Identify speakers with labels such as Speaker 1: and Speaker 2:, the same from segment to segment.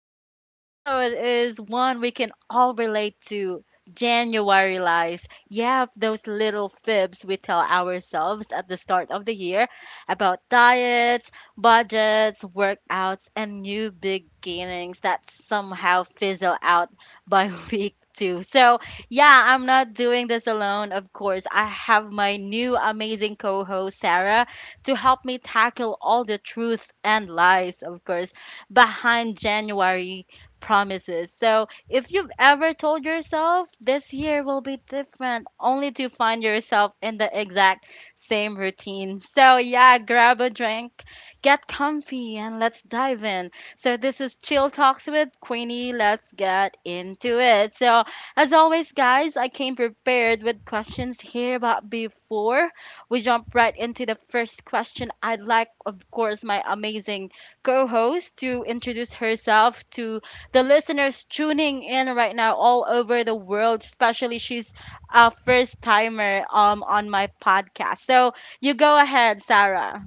Speaker 1: Today's episode is one we can all relate to: January lies. Yeah, those little fibs we tell ourselves at the start of the year about diets, budgets, workouts, and new beginnings that somehow fizzle out by week two. So, yeah, I'm not doing this alone, of course. I have my new amazing co host, Sarah, to help me tackle all the truth and lies, of course, behind January promises. So, if you've ever told yourself this year will be different, only to find yourself in the exact same routine. So, yeah, grab a drink, get comfy, and let's dive in. So, this is Chill Talks with Queenie. Let's get into it. So, as always, guys, I came prepared with questions here, but before we jump right into the first question. I'd like, of course, my amazing co host to introduce herself to the listeners tuning in right now all over the world, especially she's a first timer on my podcast. So you go ahead, Sarah.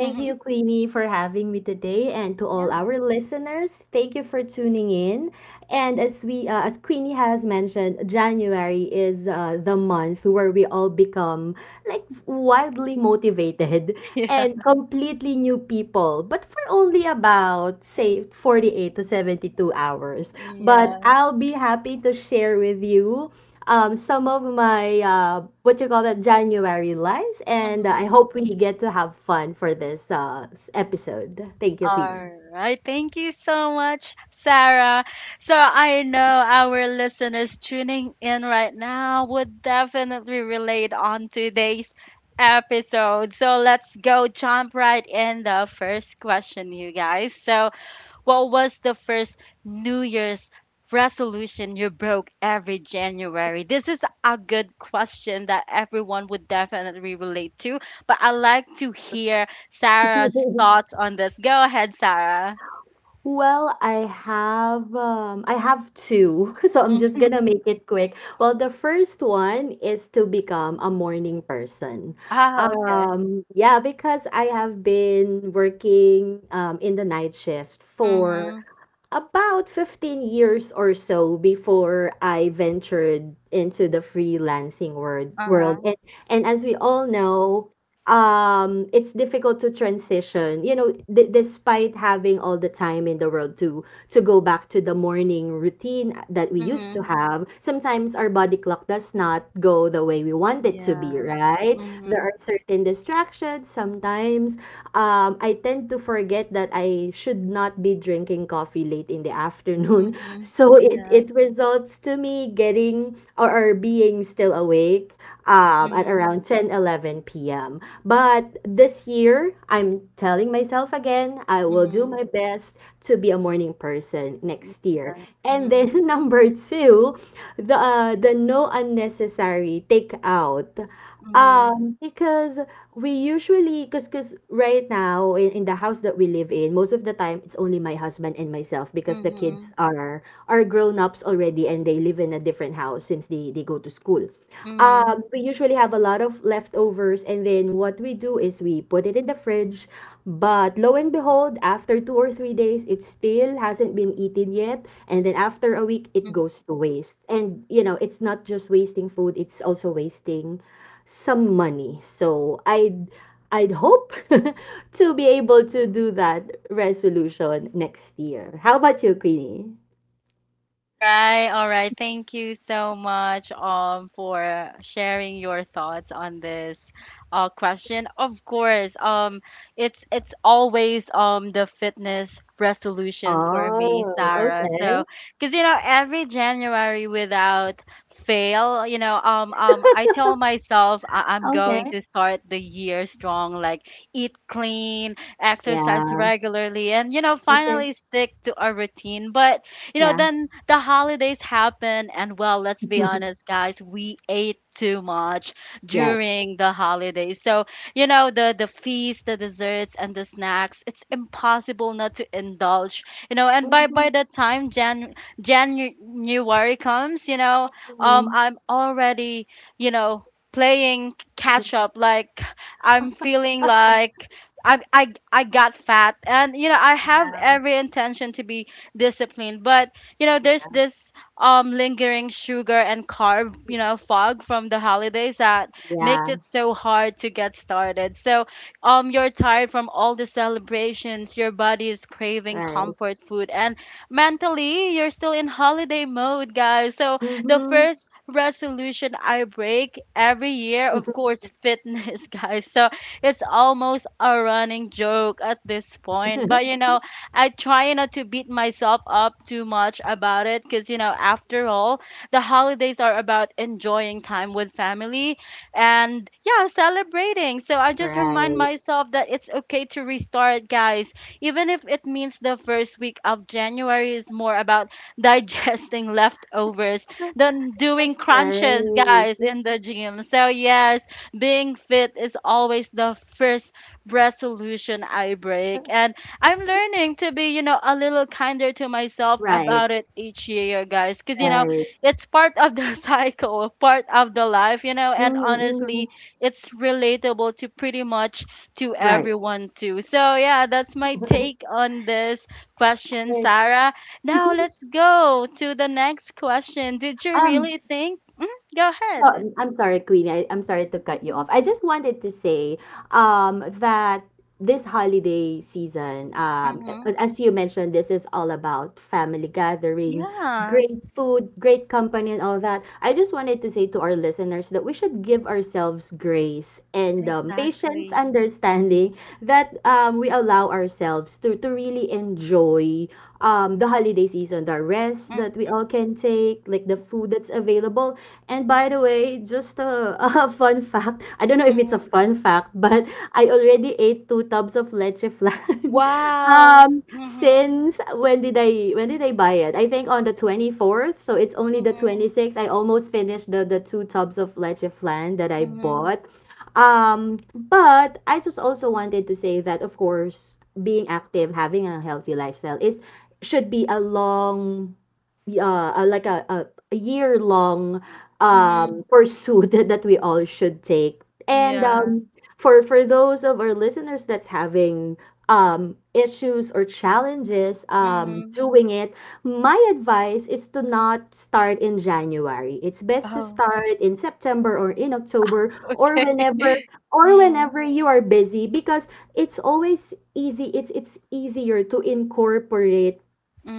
Speaker 2: Thank you, Queenie, for having me today, and to all
Speaker 1: Yeah.
Speaker 2: our listeners, thank you for tuning in. And as Queenie has mentioned, January is the month where we all become like wildly motivated and completely new people, but for only about say 48 to 72 hours. But
Speaker 1: Yeah.
Speaker 2: I'll be happy to share with you some of my what you call that January lies, and I
Speaker 1: Mhm.
Speaker 2: hope we get to have fun for this episode. Thank you,
Speaker 1: All
Speaker 2: Queenie.
Speaker 1: right. Thank you so much, Sarah. So I know our listeners tuning in right now would definitely relate on today's episode. So let's go jump right in the first question, you guys. So what was the first New Year's resolution you broke every January? This is a good question that everyone would definitely relate to, but I like to hear Sarah's thoughts on this. Go ahead, Sarah.
Speaker 2: Well, I have two, so I'm just gonna make it quick. Well, the first one is to become a morning person.
Speaker 1: Ah, okay.
Speaker 2: Yeah, because I have been working in the night shift for
Speaker 1: Mhm.
Speaker 2: about 15 years or so before I ventured into the
Speaker 1: Uh-huh.
Speaker 2: world. And as we all know, it's difficult to transition, you know, despite having all the time in the world to go back to the morning routine that we used to
Speaker 1: Mhm.
Speaker 2: have. Sometimes our body clock does not go the way we want it to be,
Speaker 1: Yeah.
Speaker 2: right? There are
Speaker 1: Mhm.
Speaker 2: certain distractions sometimes I tend to forget that I should not be drinking coffee late in the afternoon.
Speaker 1: Mhm.
Speaker 2: So it,
Speaker 1: Yeah.
Speaker 2: it results to me or being still awake at
Speaker 1: Mhm.
Speaker 2: around 10, 11 p.m. But this year, I'm telling myself again, I will do
Speaker 1: Mhm.
Speaker 2: my best to be a morning person next year.
Speaker 1: Yeah.
Speaker 2: And then
Speaker 1: Mhm.
Speaker 2: number two, the no unnecessary takeout
Speaker 1: Mhm.
Speaker 2: because we usually because right now in the house that we live in, most of the time it's only my husband and myself because the kids
Speaker 1: Mhm.
Speaker 2: are grown-ups already and they live in a different house since they go to school.
Speaker 1: Mhm.
Speaker 2: We usually have a lot of leftovers and then what we do is we put it in the fridge, but lo and behold, after 2 or 3 days it still hasn't been eaten yet, and then after a week it
Speaker 1: Mhm.
Speaker 2: goes to waste. And you know, it's not just wasting food, it's also wasting some money. So I'd hope to be able to do that resolution next year. How about you, Queenie?
Speaker 1: All right, all right. Thank you so much for sharing your thoughts on this question. Of course, it's always the fitness resolution for me,
Speaker 2: Oh,
Speaker 1: Sarah.
Speaker 2: okay.
Speaker 1: So, cuz every January without fail, I tell myself I'm going
Speaker 2: Okay.
Speaker 1: to start the year strong, like eat clean, exercise
Speaker 2: Yeah.
Speaker 1: regularly, and
Speaker 2: Okay.
Speaker 1: finally stick to a routine. But
Speaker 2: Yeah.
Speaker 1: then the holidays happen, and well, let's be honest, guys, we ate too much
Speaker 2: Yes.
Speaker 1: during the holidays. So, the feast, the desserts, and the snacks, it's impossible not to indulge. And by by
Speaker 2: Mhm,
Speaker 1: the time January comes,
Speaker 2: mhm.
Speaker 1: I'm already, you know, playing catch up. Like I'm feeling like. I, I, I got fat, and I have
Speaker 2: Yeah.
Speaker 1: every intention to be discipline. But there's
Speaker 2: Yeah.
Speaker 1: this lingering sugar and carb, fog from the holidays that makes
Speaker 2: Yeah.
Speaker 1: it so hard to get started. So you're tired from all the celebrations, your body is craving
Speaker 2: Right.
Speaker 1: comfort food, and mentally you're still in holiday mode, guys. So the
Speaker 2: Hmm.
Speaker 1: first resolution I break every year, of course, fitness, guys. So it's almost a running joke at this point. But I try not to beat myself up too much about it because, after all, the holidays are about enjoying time with family and, yeah, celebrating. So I just remind
Speaker 2: Right.
Speaker 1: myself that it's okay to restart, guys. Even if it means the first week of January is more about digesting leftovers than doing
Speaker 2: That's
Speaker 1: crunches,
Speaker 2: right.
Speaker 1: guys, in the gym. So, yes, being fit is always the first resolution I break. And I'm learning to be, a little kinder to myself
Speaker 2: Right.
Speaker 1: about it each year, guys. Because,
Speaker 2: Right.
Speaker 1: it's part of the cycle, part of the life, you know, and
Speaker 2: Mhm.
Speaker 1: honestly, it's relatable to pretty much to
Speaker 2: Right.
Speaker 1: everyone, too. So, yeah, that's my take on this question,
Speaker 2: Right.
Speaker 1: Sarah. Now, let's go to the next question. Did you
Speaker 2: Um,
Speaker 1: really think? Go
Speaker 2: So
Speaker 1: ahead.
Speaker 2: I'm I'm sorry, Queenie. I'm sorry to cut you off. I just wanted to say that this holiday season,
Speaker 1: Mm-hmm.
Speaker 2: as you mentioned, this is all about family gathering,
Speaker 1: Yeah,
Speaker 2: great food, great company, and all that. I just wanted to say to our listeners that we should give ourselves grace and patience,
Speaker 1: exactly.
Speaker 2: understanding that we allow ourselves to really enjoy the holiday season, the rest
Speaker 1: Mm-hmm.
Speaker 2: that we all can take, like the food that's available. And by the way, just a, a fun fact. I don't know if it's a
Speaker 1: Mm-hmm.
Speaker 2: fun fact, but I already ate two tubs of leche flan.
Speaker 1: Wow. Mm-hmm.
Speaker 2: since when did I buy it? I think on the 24th, so it's only the
Speaker 1: Mhm,
Speaker 2: 26th. I almost finished the two tubs of leche flan that I
Speaker 1: mhm,
Speaker 2: bought. But I just also wanted to say that of course, being active, having a healthy lifestyle is should be a long a- like a year long
Speaker 1: mhm.
Speaker 2: pursuit that we all should take. And
Speaker 1: Yeah.
Speaker 2: for those of our listeners that's having issues or challenges
Speaker 1: Mhm.
Speaker 2: doing it, my advice is to not start in January. It's best to
Speaker 1: Oh,
Speaker 2: start in September or in October, or
Speaker 1: okay. Mm,
Speaker 2: whenever you are busy, because it's always easy it's easier to incorporate—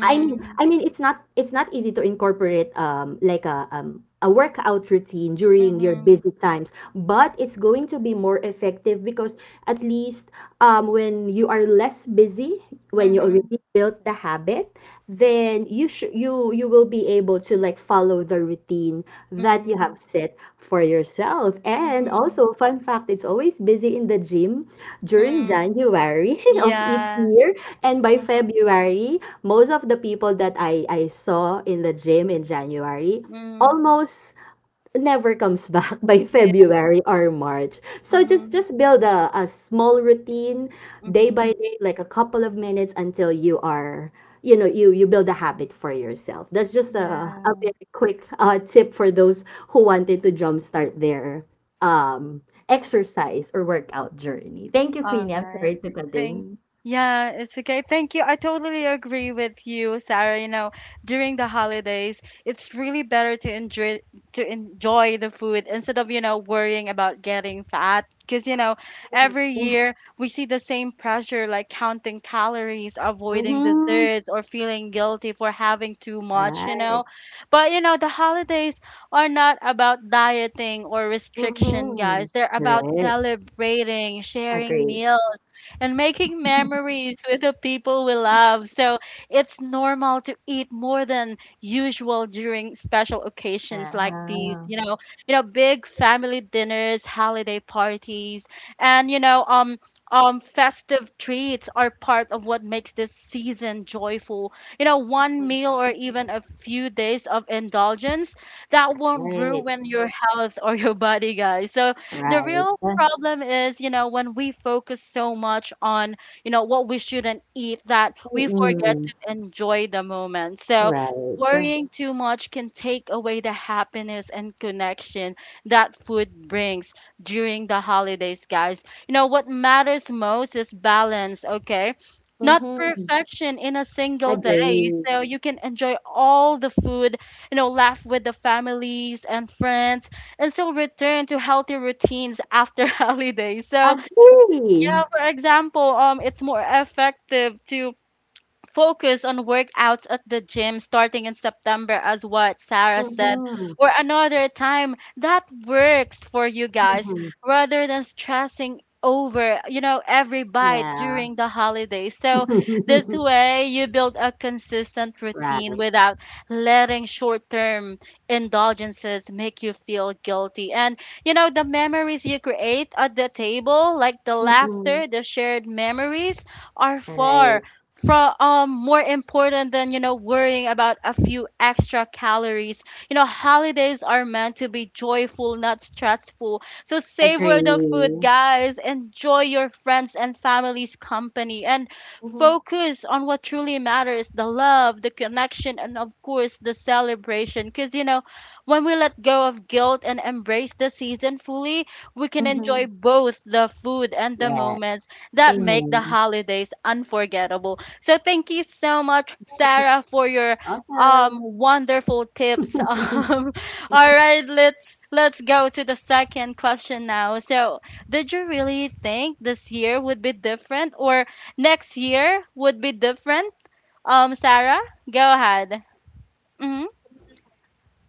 Speaker 2: it's not, it's not easy to incorporate like a workout routine during your
Speaker 1: mhm,
Speaker 2: busy times, but it's going to be more effective because at least when you are less busy, when you
Speaker 1: mhm,
Speaker 2: already built the habit, then you you will be able to like follow the routine that you
Speaker 1: mhm,
Speaker 2: have set for yourself. And
Speaker 1: mhm,
Speaker 2: also, fun fact, it's always busy in the gym during
Speaker 1: mm.
Speaker 2: January of each
Speaker 1: Yeah.
Speaker 2: year. And by
Speaker 1: Mhm,
Speaker 2: February, most of the people that I saw in the gym in January
Speaker 1: mm.
Speaker 2: almost never comes back by
Speaker 1: Yeah.
Speaker 2: February or March. So just
Speaker 1: Mhm,
Speaker 2: just build a small routine day
Speaker 1: mhm.
Speaker 2: by day, like a couple of minutes, until you are, you know, you build a habit for yourself. That's just a
Speaker 1: Yeah.
Speaker 2: very quick tip for those who wanted to jumpstart their um exercise or workout journey. Thank you,
Speaker 1: All
Speaker 2: Queenie. I'm
Speaker 1: right.
Speaker 2: sorry to cut
Speaker 1: Thank
Speaker 2: in.
Speaker 1: Yeah, it's okay. Thank you. I totally agree with you, Sarah. During the holidays, it's really better to enjoy the food instead of, worrying about getting fat. Because, every year we see the same pressure, like counting calories, avoiding
Speaker 2: Mhm.
Speaker 1: desserts, or feeling guilty for having too much.
Speaker 2: Right.
Speaker 1: But, the holidays are not about dieting or restriction,
Speaker 2: Mhm.
Speaker 1: guys. They're about
Speaker 2: Right.
Speaker 1: celebrating, sharing
Speaker 2: Agree.
Speaker 1: meals, and making memories with the people we love. So it's normal to eat more than usual during special occasions like these,
Speaker 2: Ah.
Speaker 1: you know, you know, big family dinners, holiday parties, and festive treats are part of what makes this season joyful. One meal or even a few days of indulgence that won't
Speaker 2: Right.
Speaker 1: ruin your health or your body, guys. So the
Speaker 2: Right.
Speaker 1: real problem is, when we focus so much on, what we shouldn't eat, that we forget
Speaker 2: Mm.
Speaker 1: to enjoy the moment. So
Speaker 2: Right.
Speaker 1: worrying too much can take away the happiness and connection that food brings during the holidays, guys. What matters most is balance, okay? Not
Speaker 2: Mhm.
Speaker 1: perfection in a single day.
Speaker 2: Agree.
Speaker 1: So you can enjoy all the food, laugh with the families and friends, and still return to healthy routines after holidays. So yeah,
Speaker 2: Agree.
Speaker 1: for example, it's more effective to focus on workouts at the gym starting in September, as what Sarah said,
Speaker 2: Mhm.
Speaker 1: or another time that works for you guys,
Speaker 2: Mhm.
Speaker 1: rather than stressing over every bite
Speaker 2: Yeah.
Speaker 1: during the holidays. So this way you build a consistent routine
Speaker 2: Right.
Speaker 1: without letting short-term indulgences make you feel guilty. And the memories you create at the table, like the
Speaker 2: Mm.
Speaker 1: laughter, the shared memories, are
Speaker 2: Right.
Speaker 1: far from more important than worrying about a few extra calories. Holidays are meant to be joyful, not stressful. So savor the food,
Speaker 2: Agree.
Speaker 1: guys, enjoy your friends and family's company, and
Speaker 2: Mhm.
Speaker 1: focus on what truly matters: the love, the connection, and of course the celebration. Because when we let go of guilt and embrace the season fully, we can enjoy
Speaker 2: Mhm.
Speaker 1: both the food and the
Speaker 2: Yeah.
Speaker 1: moments that make the
Speaker 2: Amen.
Speaker 1: holidays unforgettable. So thank you so much, Sarah, for your
Speaker 2: Awesome.
Speaker 1: wonderful tips. All right, let's go to the second question now. So, did you really think this year would be different, or next year would be different? Sarah, go ahead. Mm-hmm.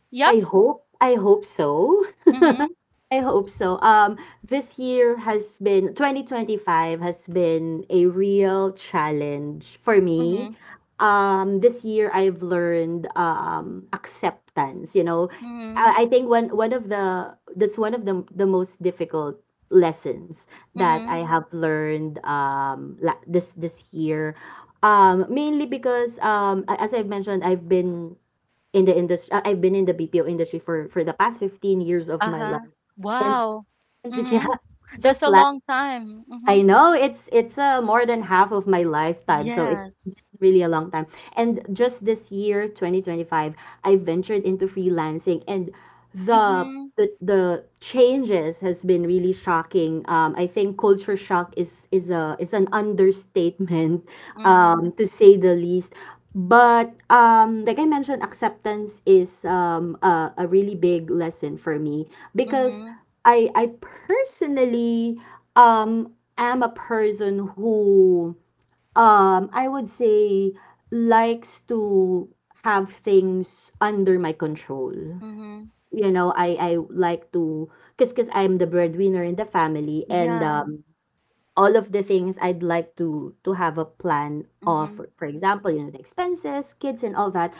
Speaker 1: Yep.
Speaker 2: I hope so.
Speaker 1: Mm-hmm.
Speaker 2: I hope so. This year has been 2025 has been a real challenge for me.
Speaker 1: Mm-hmm.
Speaker 2: This year I've learned acceptance. You know,
Speaker 1: Mm-hmm.
Speaker 2: I think one one of the that's one of the most difficult lessons that
Speaker 1: Mm-hmm.
Speaker 2: I have learned this this year. Mainly because as I've mentioned, I've been in the industry. I've been in the BPO industry for the past 15 years of my
Speaker 1: Uh-huh.
Speaker 2: life. And,
Speaker 1: Wow.
Speaker 2: and yeah,
Speaker 1: Mm-hmm. That's
Speaker 2: just
Speaker 1: a long time. Mm-hmm.
Speaker 2: I know it's more than half of my lifetime, so it's been
Speaker 1: Yes.
Speaker 2: really a long time. And just this year, 2025, I ventured into freelancing, and the
Speaker 1: Mm-hmm.
Speaker 2: the changes has been really shocking. I think culture shock is a is an understatement,
Speaker 1: Mm-hmm.
Speaker 2: to say the least. But like I mentioned, acceptance is a really big lesson for me because
Speaker 1: Mm-hmm.
Speaker 2: I personally. Um am a person who I would say likes to have things under my control.
Speaker 1: Mhm.
Speaker 2: You know, I like to— because I'm the breadwinner in the family, and
Speaker 1: Yeah.
Speaker 2: all of the things I'd like to have a plan of,
Speaker 1: Mhm.
Speaker 2: for example, you know, the expenses, kids, and all that.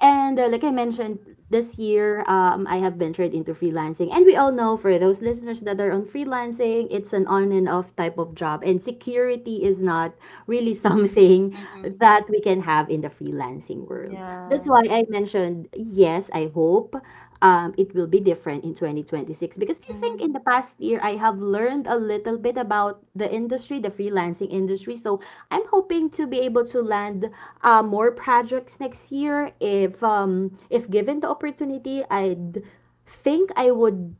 Speaker 2: And like I mentioned, this year I have ventured into freelancing, and we all know, for those listeners that are on freelancing, it's an on and off type of job, and security is not really something
Speaker 1: Mhm.
Speaker 2: that we can have in the freelancing world. That's
Speaker 1: Yeah.
Speaker 2: why I mentioned, yes, I hope it will be different in 2026, because I think
Speaker 1: Mhm.
Speaker 2: in the past year I have learned a little bit about the industry, the freelancing industry. So I'm hoping to be able to land more projects next year. If given the opportunity, I'd think I would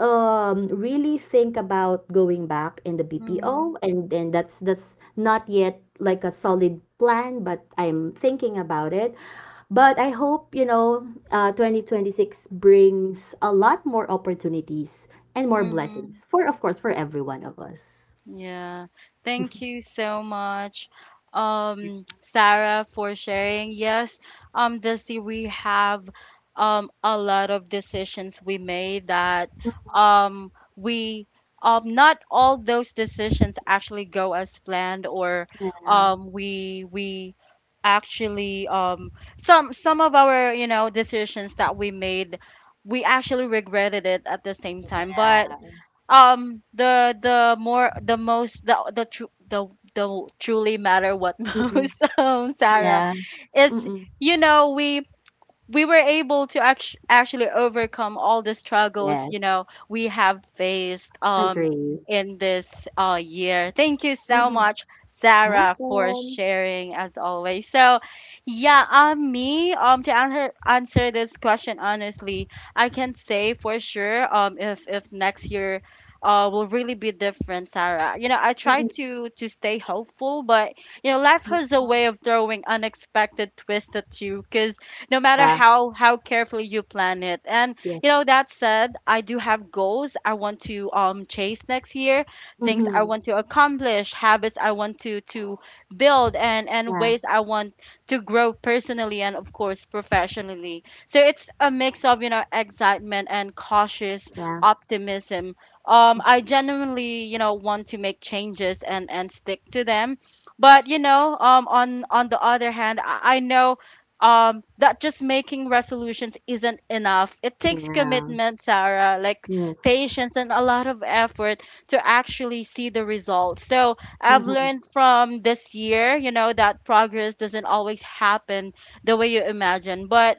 Speaker 2: really think about going back in the
Speaker 1: Mhm.
Speaker 2: BPO, and then that's not yet like a solid plan, but I'm thinking about it. But I hope, you know, 2026 brings a lot more opportunities and more
Speaker 1: Mhm.
Speaker 2: blessings for, of course, for every one of us.
Speaker 1: Yeah. Thank you so much, Sarah, for sharing. Yes, this year we have a lot of decisions we made that, we not all those decisions actually go as planned, or
Speaker 2: Yeah.
Speaker 1: we actually some of our decisions that we made, we actually regretted it at the same time. But
Speaker 2: Yeah.
Speaker 1: um the the more the most the the tru- the the truly matter what
Speaker 2: Mm-mm.
Speaker 1: most, Sarah,
Speaker 2: Yeah.
Speaker 1: is
Speaker 2: Mm-mm.
Speaker 1: you know we we were able to actually overcome all the struggles
Speaker 2: Yes.
Speaker 1: we have faced
Speaker 2: Agree.
Speaker 1: in this year. Thank you so
Speaker 2: Mm-hmm.
Speaker 1: much, Sarah, for
Speaker 2: Welcome.
Speaker 1: sharing, as always. So yeah, me, to answer this question honestly, I can say for sure if next year will really be different, Sarah. You know, I try
Speaker 2: Mm-mm.
Speaker 1: to stay hopeful, but life has a way of throwing unexpected twists at you. 'Cause no matter
Speaker 2: Yeah.
Speaker 1: how carefully you plan it. And
Speaker 2: Yes.
Speaker 1: you know, that said, I do have goals I want to chase next year, things I
Speaker 2: Mm-hmm.
Speaker 1: want to accomplish, habits I want to build, and
Speaker 2: Yeah.
Speaker 1: ways I want to grow personally and of course professionally. So it's a mix of, excitement and cautious
Speaker 2: Yeah.
Speaker 1: optimism. I genuinely, want to make changes and stick to them. But on the other hand, I know that just making resolutions isn't enough. It takes
Speaker 2: Yeah.
Speaker 1: commitment, Sarah, like
Speaker 2: Yes.
Speaker 1: patience and a lot of effort to actually see the results. So I've
Speaker 2: Mm-hmm.
Speaker 1: learned from this year, that progress doesn't always happen the way you imagine. But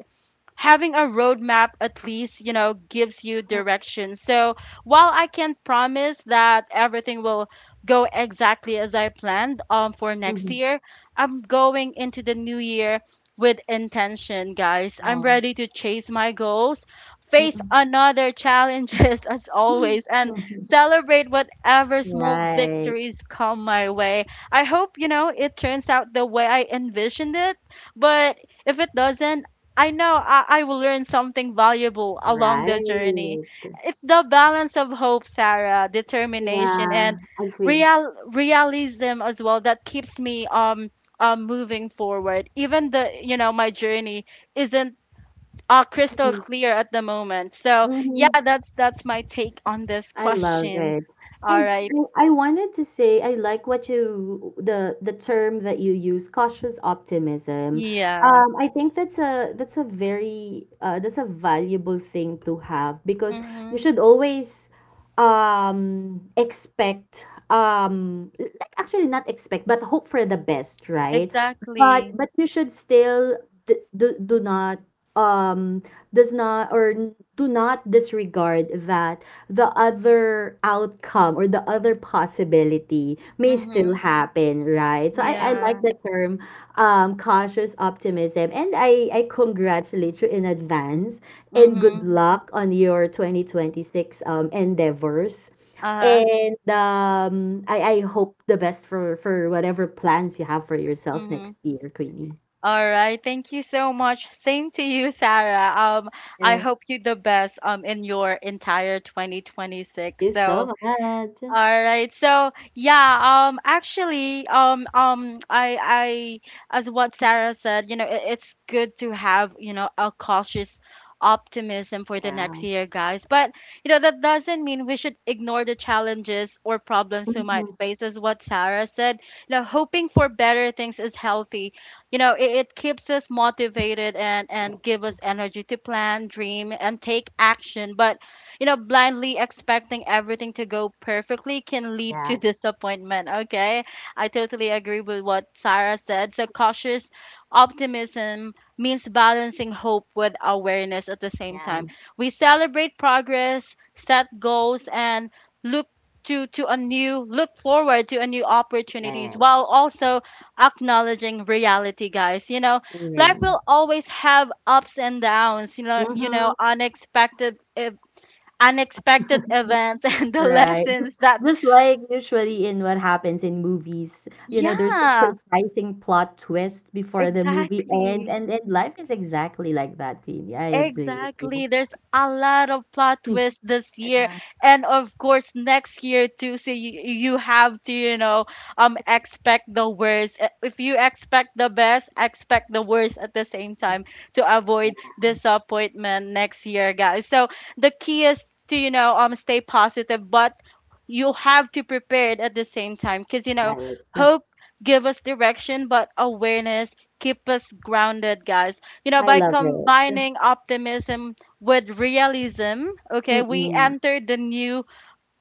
Speaker 1: having a roadmap at least, gives you
Speaker 2: Mhm.
Speaker 1: direction. So while I can't promise that everything will go exactly as I planned, for next
Speaker 2: Mm-hmm.
Speaker 1: year, I'm going into the new year with intention, guys. I'm
Speaker 2: Yeah.
Speaker 1: ready to chase my goals, face
Speaker 2: Mm-mm.
Speaker 1: another challenges as always, and celebrate whatever small
Speaker 2: Right.
Speaker 1: victories come my way. I hope, it turns out the way I envisioned it, but if it doesn't, I know I will learn something valuable along the journey.
Speaker 2: Right.
Speaker 1: It's the balance of hope, Sarah, determination, and
Speaker 2: Yeah. Agree.
Speaker 1: realism as well that keeps me moving forward. Even the my journey isn't crystal clear at the moment. So
Speaker 2: Mhm.
Speaker 1: yeah, that's my take on this
Speaker 2: I love
Speaker 1: question.
Speaker 2: it.
Speaker 1: All
Speaker 2: And
Speaker 1: right.
Speaker 2: I wanted to say I like what you— the term that you use, cautious optimism.
Speaker 1: Yeah.
Speaker 2: I think that's a— that's a very that's a valuable thing to have, because you
Speaker 1: Mhm.
Speaker 2: should always expect— like, actually not expect but hope for the best, right?
Speaker 1: Exactly.
Speaker 2: But you should still do not um does not or n- do not disregard that the other outcome or the other possibility may still
Speaker 1: Mhm.
Speaker 2: happen, right? So I like
Speaker 1: Yeah.
Speaker 2: the term cautious optimism. And I congratulate you in advance and good
Speaker 1: Mhm.
Speaker 2: luck on your 2026 endeavors.
Speaker 1: Uh huh.
Speaker 2: And I hope the best for whatever plans you have for yourself next
Speaker 1: Mhm.
Speaker 2: year, Queenie.
Speaker 1: All right, thank you so much. Same to you, Sarah. I
Speaker 2: Yeah.
Speaker 1: hope you the best in your entire 2026.
Speaker 2: Thank
Speaker 1: So,
Speaker 2: you so much.
Speaker 1: all right. So yeah, actually I as what Sarah said, you know, it's good to have, you know, a cautious optimism for the
Speaker 2: Yeah.
Speaker 1: next year, guys. But you know, that doesn't mean we should ignore the challenges or problems we might
Speaker 2: Mhm.
Speaker 1: face as what Sarah said. You know, hoping for better things is healthy. You know, it keeps us motivated and give us energy to plan, dream, and take action. But you know, blindly expecting everything to go perfectly can lead to
Speaker 2: Yes.
Speaker 1: disappointment. Okay. I totally agree with what Sarah said. So, cautious optimism means balancing hope with awareness at the same
Speaker 2: Yeah.
Speaker 1: time. We celebrate progress, set goals, and look to a new look forward to a new opportunities
Speaker 2: Yes.
Speaker 1: while also acknowledging reality, guys. You know, life will always have ups and downs. You know, you know,
Speaker 2: Mm-hmm.
Speaker 1: unexpected events and the
Speaker 2: Right.
Speaker 1: lessons that
Speaker 2: Just like usually in what happens in movies, you know, there's a
Speaker 1: yeah
Speaker 2: surprising plot twist before the movie ends,
Speaker 1: exactly
Speaker 2: and then life is exactly like that, Queenie. I agree with you.
Speaker 1: Exactly. There's a lot of plot twists this year,
Speaker 2: Yeah.
Speaker 1: and of course next year too. So you have to, you know, expect the worst. If you expect the best, expect the worst at the same time to avoid disappointment next year, guys. So the key is to, you know, stay positive, but you have to prepare it at the same time because, you know,
Speaker 2: Right.
Speaker 1: hope give us direction, but awareness keep us grounded, guys. You know,
Speaker 2: I
Speaker 1: by
Speaker 2: love it.
Speaker 1: combining optimism with realism, okay, we
Speaker 2: Mm-mm.
Speaker 1: enter the new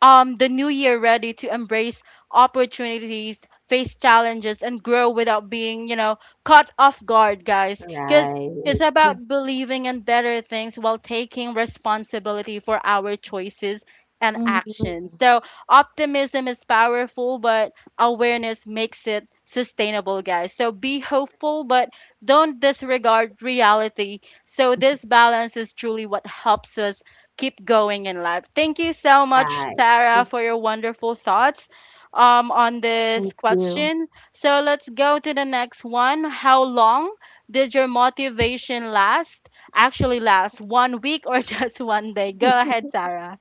Speaker 1: year ready to embrace opportunities, face challenges, and grow without being, you know, caught off guard, guys. Because it's
Speaker 2: Right.
Speaker 1: about believing in better things while taking responsibility for our choices and actions.
Speaker 2: Mhm.
Speaker 1: So, optimism is powerful, but awareness makes it sustainable, guys. So, be hopeful, but don't disregard reality. So, this balance is truly what helps us keep going in life. Thank you so much,
Speaker 2: Right.
Speaker 1: Sarah, for your wonderful thoughts on this
Speaker 2: Thank you.
Speaker 1: question. So let's go to the next one. How long did your motivation last? Actually, last 1 week or just 1 day? Go ahead, Sarah.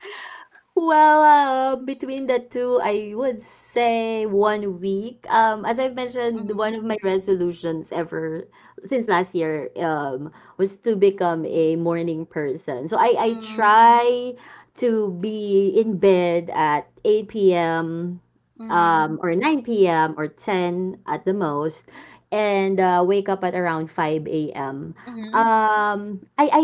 Speaker 2: Well, between the two, I would say one week. As I've mentioned, one
Speaker 1: Mhm,
Speaker 2: of my resolutions ever since last year was to become a morning person. So I
Speaker 1: mhm,
Speaker 2: try to be in bed at 8 p.m.
Speaker 1: mhm,
Speaker 2: Or 9 p.m. or 10 at the most, and wake up at around 5 a.m.
Speaker 1: mhm,
Speaker 2: Um, I, I,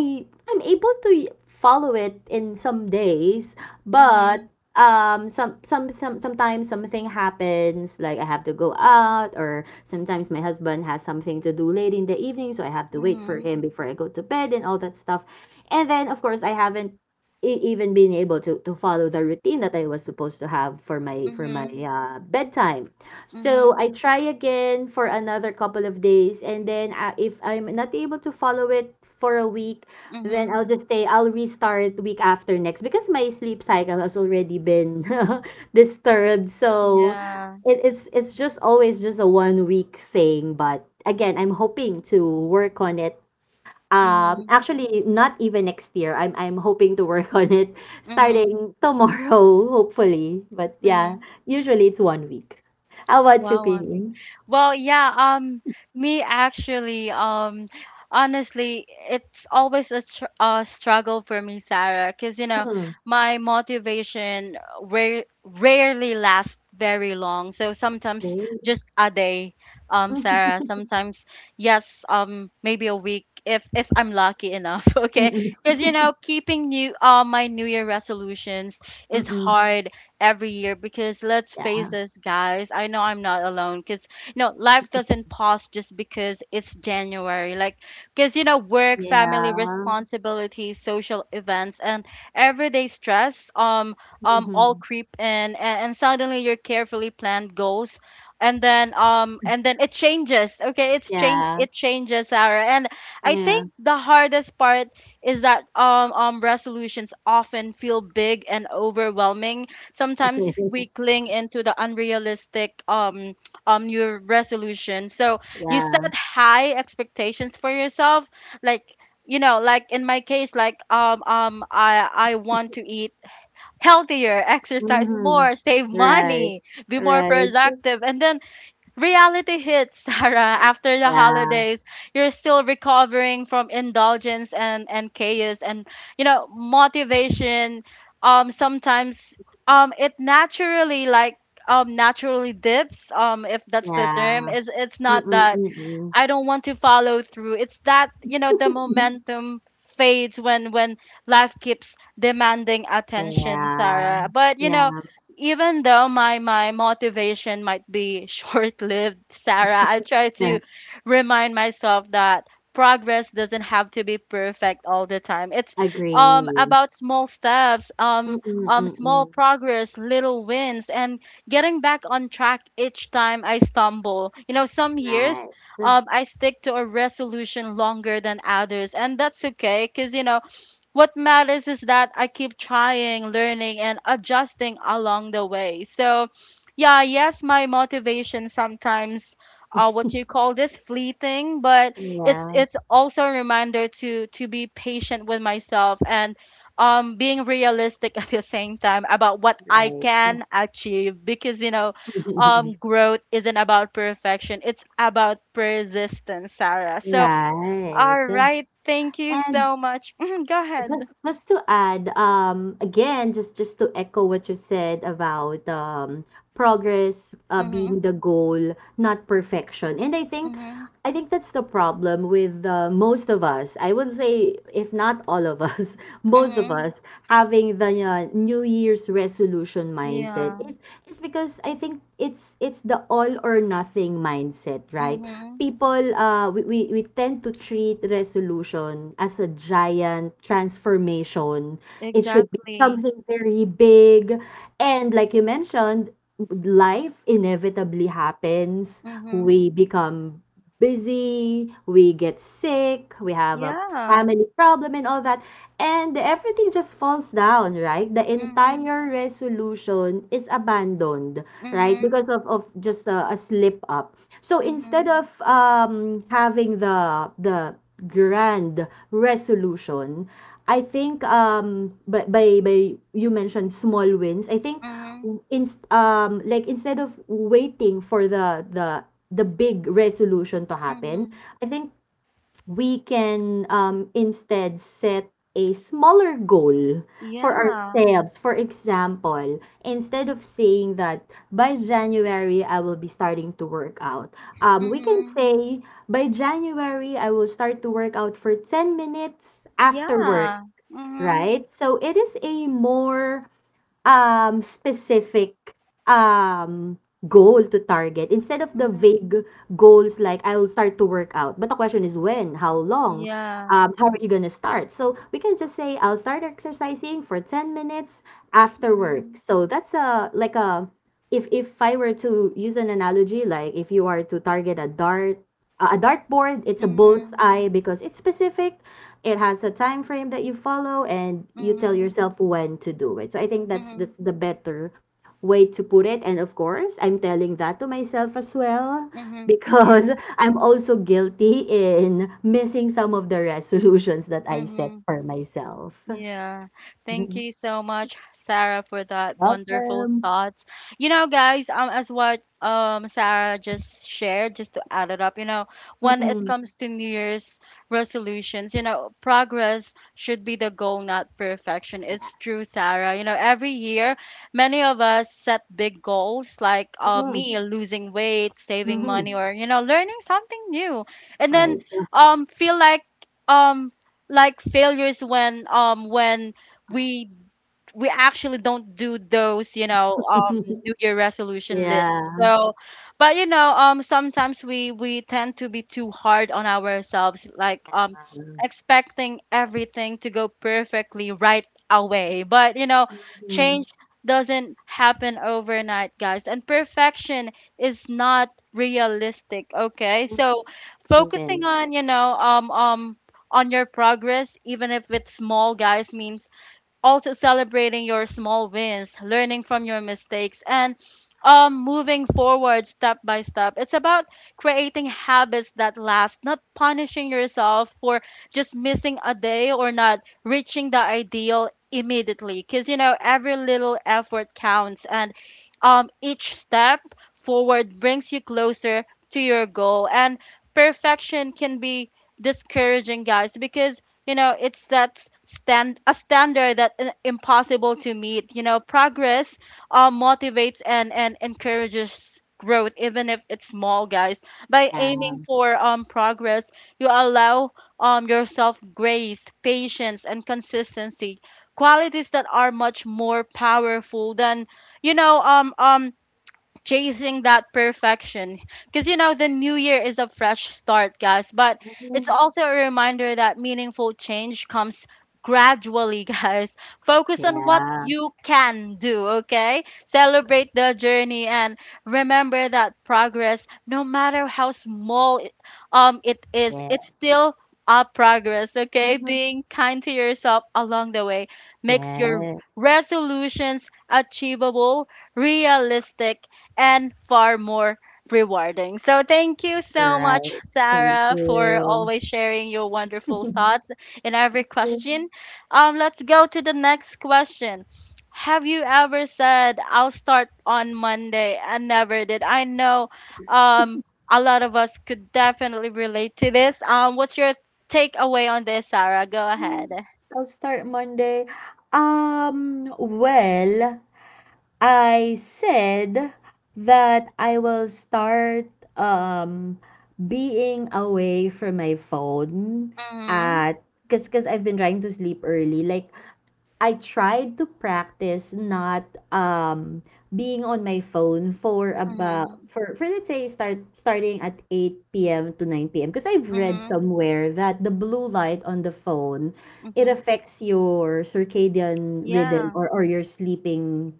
Speaker 2: I'm able to follow it in some days, but sometimes something happens, like I have to go out, or sometimes my husband has something to do late in the evening, so I have to wait for
Speaker 1: mhm,
Speaker 2: him before I go to bed and all that stuff. And then of course I haven't even been able to follow the routine that I was supposed to have for my
Speaker 1: mhm,
Speaker 2: for my
Speaker 1: mhm,
Speaker 2: uh, bedtime. So
Speaker 1: mhm,
Speaker 2: I try again for another couple of days, and then if I'm not able to follow it for a week, then
Speaker 1: mhm.
Speaker 2: I'll just stay, I'll restart week after next, because my sleep cycle has already been disturbed. So
Speaker 1: Yeah.
Speaker 2: it's just always just a one week thing. But again, I'm hoping to work on it. Um,
Speaker 1: Mhm,
Speaker 2: actually, not even next year. I'm hoping to work on it
Speaker 1: mhm,
Speaker 2: starting tomorrow, hopefully. But yeah,
Speaker 1: mhm,
Speaker 2: usually it's one week. How about you,
Speaker 1: Wow, I mean,
Speaker 2: Queenie?
Speaker 1: well, yeah, me actually, honestly, it's always a struggle for me, Sarah, because you know,
Speaker 2: Hmm,
Speaker 1: my motivation rarely lasts very long. So sometimes
Speaker 2: okay.
Speaker 1: just a day, Sarah. Sometimes, yes, maybe a week if I'm lucky enough, okay?
Speaker 2: Mm-mm.
Speaker 1: Because you know, keeping new my New Year resolutions is
Speaker 2: Mm-mm.
Speaker 1: hard every year because let's face
Speaker 2: Yeah.
Speaker 1: this, guys. I know I'm not alone because you know life doesn't pause just because it's January. Like because you know work, family
Speaker 2: Yeah.
Speaker 1: responsibilities, social events, and everyday stress all
Speaker 2: Mm-hmm.
Speaker 1: creep in, and suddenly your carefully planned goals and then it changes. Okay,
Speaker 2: Yeah,
Speaker 1: it changes our. And I
Speaker 2: yeah.
Speaker 1: think the hardest part is that resolutions often feel big and overwhelming. Sometimes we cling into the unrealistic new resolution, so you
Speaker 2: Yeah.
Speaker 1: set high expectations for yourself, like you know, like in my case, like I want to eat healthier, exercise
Speaker 2: Mhm.
Speaker 1: more, save
Speaker 2: Right.
Speaker 1: money, be more
Speaker 2: Right.
Speaker 1: productive, and then reality hits, Sarah. After the
Speaker 2: Yeah.
Speaker 1: holidays, you're still recovering from indulgence and chaos and you know motivation. Sometimes it naturally like naturally dips. If that's the term,
Speaker 2: Yeah.
Speaker 1: is it's not
Speaker 2: Mm-mm,
Speaker 1: that
Speaker 2: mm-mm.
Speaker 1: I don't want to follow through. It's that, you know, the momentum fades when life keeps demanding attention,
Speaker 2: Yeah.
Speaker 1: Sarah. But, you know,
Speaker 2: Yeah.
Speaker 1: even though my motivation might be short-lived, Sarah, I try
Speaker 2: Yeah.
Speaker 1: to remind myself that progress doesn't have to be perfect all the time. It's
Speaker 2: Agree.
Speaker 1: about small steps,
Speaker 2: Mm-mm,
Speaker 1: small
Speaker 2: mm-mm.
Speaker 1: progress, little wins, and getting back on track each time I stumble. You know, some years
Speaker 2: Right.
Speaker 1: I stick to a resolution longer than others, and that's okay because you know what matters is that I keep trying, learning, and adjusting along the way. So, yeah, yes, my motivation sometimes, what you call this, fleeting, but
Speaker 2: Yeah.
Speaker 1: it's also a reminder to be patient with myself and being realistic at the same time about what I
Speaker 2: Right.
Speaker 1: can achieve. Because you know, growth isn't about perfection; it's about persistence, Sarah. So,
Speaker 2: Right.
Speaker 1: all right, thank you
Speaker 2: And
Speaker 1: so much. Mhm, go
Speaker 2: Just
Speaker 1: ahead.
Speaker 2: just to add, again, just to echo what you said about progress
Speaker 1: Mhm,
Speaker 2: being the goal, not perfection. And I think,
Speaker 1: mhm,
Speaker 2: I think that's the problem with most of us. I would say, if not all of us, most of
Speaker 1: mhm.
Speaker 2: us having the New Year's resolution mindset
Speaker 1: Yeah.
Speaker 2: is, it's because I think it's the all or nothing mindset, right?
Speaker 1: Mhm.
Speaker 2: We tend to treat resolution as a giant transformation. It should be
Speaker 1: Exactly.
Speaker 2: something very big. And like you mentioned, life inevitably happens.
Speaker 1: Mhm.
Speaker 2: We become busy, we get sick, we have a
Speaker 1: Yeah.
Speaker 2: family problem and all that. And everything just falls down, right? The
Speaker 1: Mhm,
Speaker 2: entire resolution is abandoned, right?
Speaker 1: mhm,
Speaker 2: Because of just a slip up. So instead
Speaker 1: mhm,
Speaker 2: of having the grand resolution, I think, by you mentioned small wins. I think,
Speaker 1: mhm,
Speaker 2: like instead of waiting for the big resolution to happen,
Speaker 1: mhm.
Speaker 2: I think we can, instead set a smaller goal for
Speaker 1: Yeah.
Speaker 2: ourselves. For example, instead of saying that by January I will be starting to work out, we can
Speaker 1: Mhm.
Speaker 2: say by January I will start to work out for 10 minutes after work,
Speaker 1: Yeah. Mhm,
Speaker 2: right? So it is a more specific um, goal to target instead of the
Speaker 1: mhm.
Speaker 2: vague goals like I'll start to work out. But the question is when, how long,
Speaker 1: Yeah.
Speaker 2: how are you going to start? So we can just say I'll start exercising for 10 minutes after work.
Speaker 1: Mhm,
Speaker 2: So that's a like a, if I were to use an analogy, like if you are to target a dart, a dartboard, it's a
Speaker 1: mhm,
Speaker 2: bullseye because it's specific, it has a time frame that you follow and you tell
Speaker 1: mhm,
Speaker 2: yourself when to do it. So I think that's
Speaker 1: mhm,
Speaker 2: that's the better way to put it. And of course, I'm telling that to myself as well,
Speaker 1: mhm.
Speaker 2: because
Speaker 1: Yeah.
Speaker 2: I'm also guilty in missing some of the resolutions that I set
Speaker 1: Mhm.
Speaker 2: for myself.
Speaker 1: Yeah. Thank
Speaker 2: Mhm.
Speaker 1: you so much, Sarah, for that wonderful
Speaker 2: Welcome.
Speaker 1: thoughts. You know, guys, as what Sarah just shared, just to add it up, you know, when it
Speaker 2: Mm-mm.
Speaker 1: comes to New Year's resolutions, you know, progress should be the goal, not perfection. It's
Speaker 2: Yes.
Speaker 1: true, Sarah. You know, every year, many of us set big goals, like me losing weight, saving
Speaker 2: Mm-hmm.
Speaker 1: money, or you know, learning something new, and
Speaker 2: All right.
Speaker 1: then feel um like failures when we we actually don't do those, you know, New Year resolution lists.
Speaker 2: Yeah.
Speaker 1: So, but you know, sometimes we tend to be too hard on ourselves, like expecting everything to go perfectly right away. But you know,
Speaker 2: Mhm.
Speaker 1: change doesn't happen overnight, guys, and perfection is not realistic. Okay, so focusing
Speaker 2: Amen.
Speaker 1: on you know on your progress, even if it's small, guys, means also celebrating your small wins, learning from your mistakes, and moving forward step by step. It's about creating habits that last, not punishing yourself for just missing a day or not reaching the ideal immediately. Because, you know, every little effort counts, and each step forward brings you closer to your goal. And perfection can be discouraging, guys, because you know it sets stand a standard that impossible to meet. You know, progress motivates and encourages growth even if it's small, guys. By
Speaker 2: Yeah.
Speaker 1: aiming for progress, you allow yourself grace, patience, and consistency, qualities that are much more powerful than you know chasing that perfection. Because, you know, the new year is a fresh start, guys. But it's
Speaker 2: Mm.
Speaker 1: also a reminder that meaningful change comes gradually, guys. Focus on what
Speaker 2: Yeah,
Speaker 1: you can do, okay? Celebrate the journey and remember that progress, no matter how small it is, it's
Speaker 2: yeah.
Speaker 1: still a progress, okay?
Speaker 2: Mhm.
Speaker 1: Being kind to yourself along the way makes your
Speaker 2: Yeah,
Speaker 1: resolutions achievable, realistic, and far more rewarding. So thank you so much,
Speaker 2: right. Thank
Speaker 1: Sarah, for
Speaker 2: you.
Speaker 1: always sharing your wonderful thoughts in every question. Let's go to the next question. Have you ever said I'll start on Monday and never did? I know um a lot of us could definitely relate to this. What's your takeaway on this, Sarah? Go ahead.
Speaker 2: I'll start Monday. Well, I said that I will start, um being away from my phone
Speaker 1: Mhm.
Speaker 2: at because I've been trying to sleep early. Like, I tried to practice not um being on my phone for about
Speaker 1: Mhm.
Speaker 2: for let's say starting at 8 p.m. to 9 p.m., because I've read
Speaker 1: Mhm.
Speaker 2: somewhere that the blue light on the phone, it
Speaker 1: Mhm.
Speaker 2: affects your circadian rhythm,
Speaker 1: Yeah.
Speaker 2: or your sleeping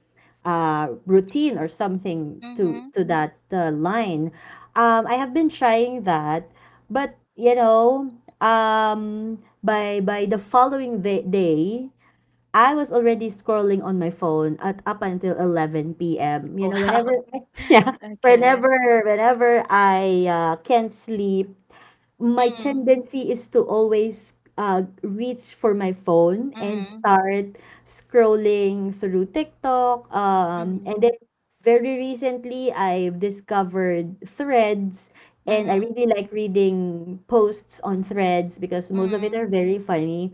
Speaker 2: routine, or something to
Speaker 1: Mhm.
Speaker 2: that line. I have been trying that, but you know, by the following the day I was already scrolling on my phone at up until 11 p.m. You
Speaker 1: Wow.
Speaker 2: know, whenever yeah,
Speaker 1: Okay.
Speaker 2: whenever whenever I can't sleep, my
Speaker 1: Mhm,
Speaker 2: tendency is to always reach for my phone and
Speaker 1: mhm,
Speaker 2: start scrolling through TikTok. And
Speaker 1: mhm,
Speaker 2: then very recently, I've discovered threads. And I
Speaker 1: mhm,
Speaker 2: really like reading posts on threads because most of it are
Speaker 1: mhm,
Speaker 2: very funny.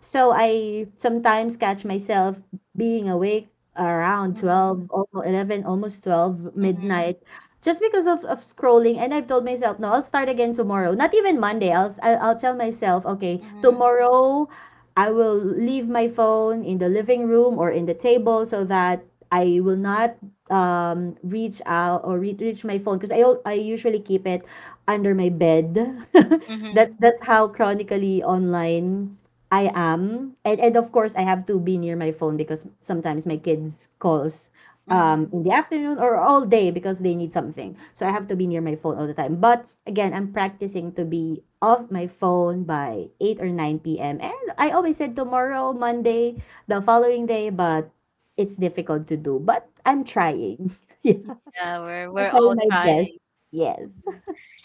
Speaker 2: So I sometimes catch myself being awake around 12,
Speaker 1: mhm,
Speaker 2: almost 11, almost 12
Speaker 1: mhm,
Speaker 2: midnight just because of scrolling. And I've told myself, no, I'll start again tomorrow, not even Monday. I'll, s- I'll tell myself, okay,
Speaker 1: mhm,
Speaker 2: tomorrow I will leave my phone in the living room or in the table so that I will not reach out or reach my phone, because I usually keep it under my bed. that
Speaker 1: mhm,
Speaker 2: that's how chronically online I am, and of course I have to be near my phone because sometimes my kids calls
Speaker 1: mhm.
Speaker 2: in the afternoon or all day because they need something. So I have to be near my phone all the time. But again, I'm practicing to be off my phone by 8 or 9 p.m. And I always said tomorrow, Monday, the following day, but it's difficult to do. But I'm trying. Yeah,
Speaker 1: Yeah,
Speaker 2: I'm
Speaker 1: we're all
Speaker 2: trying my best.
Speaker 1: trying.
Speaker 2: Yes.
Speaker 1: Mhm.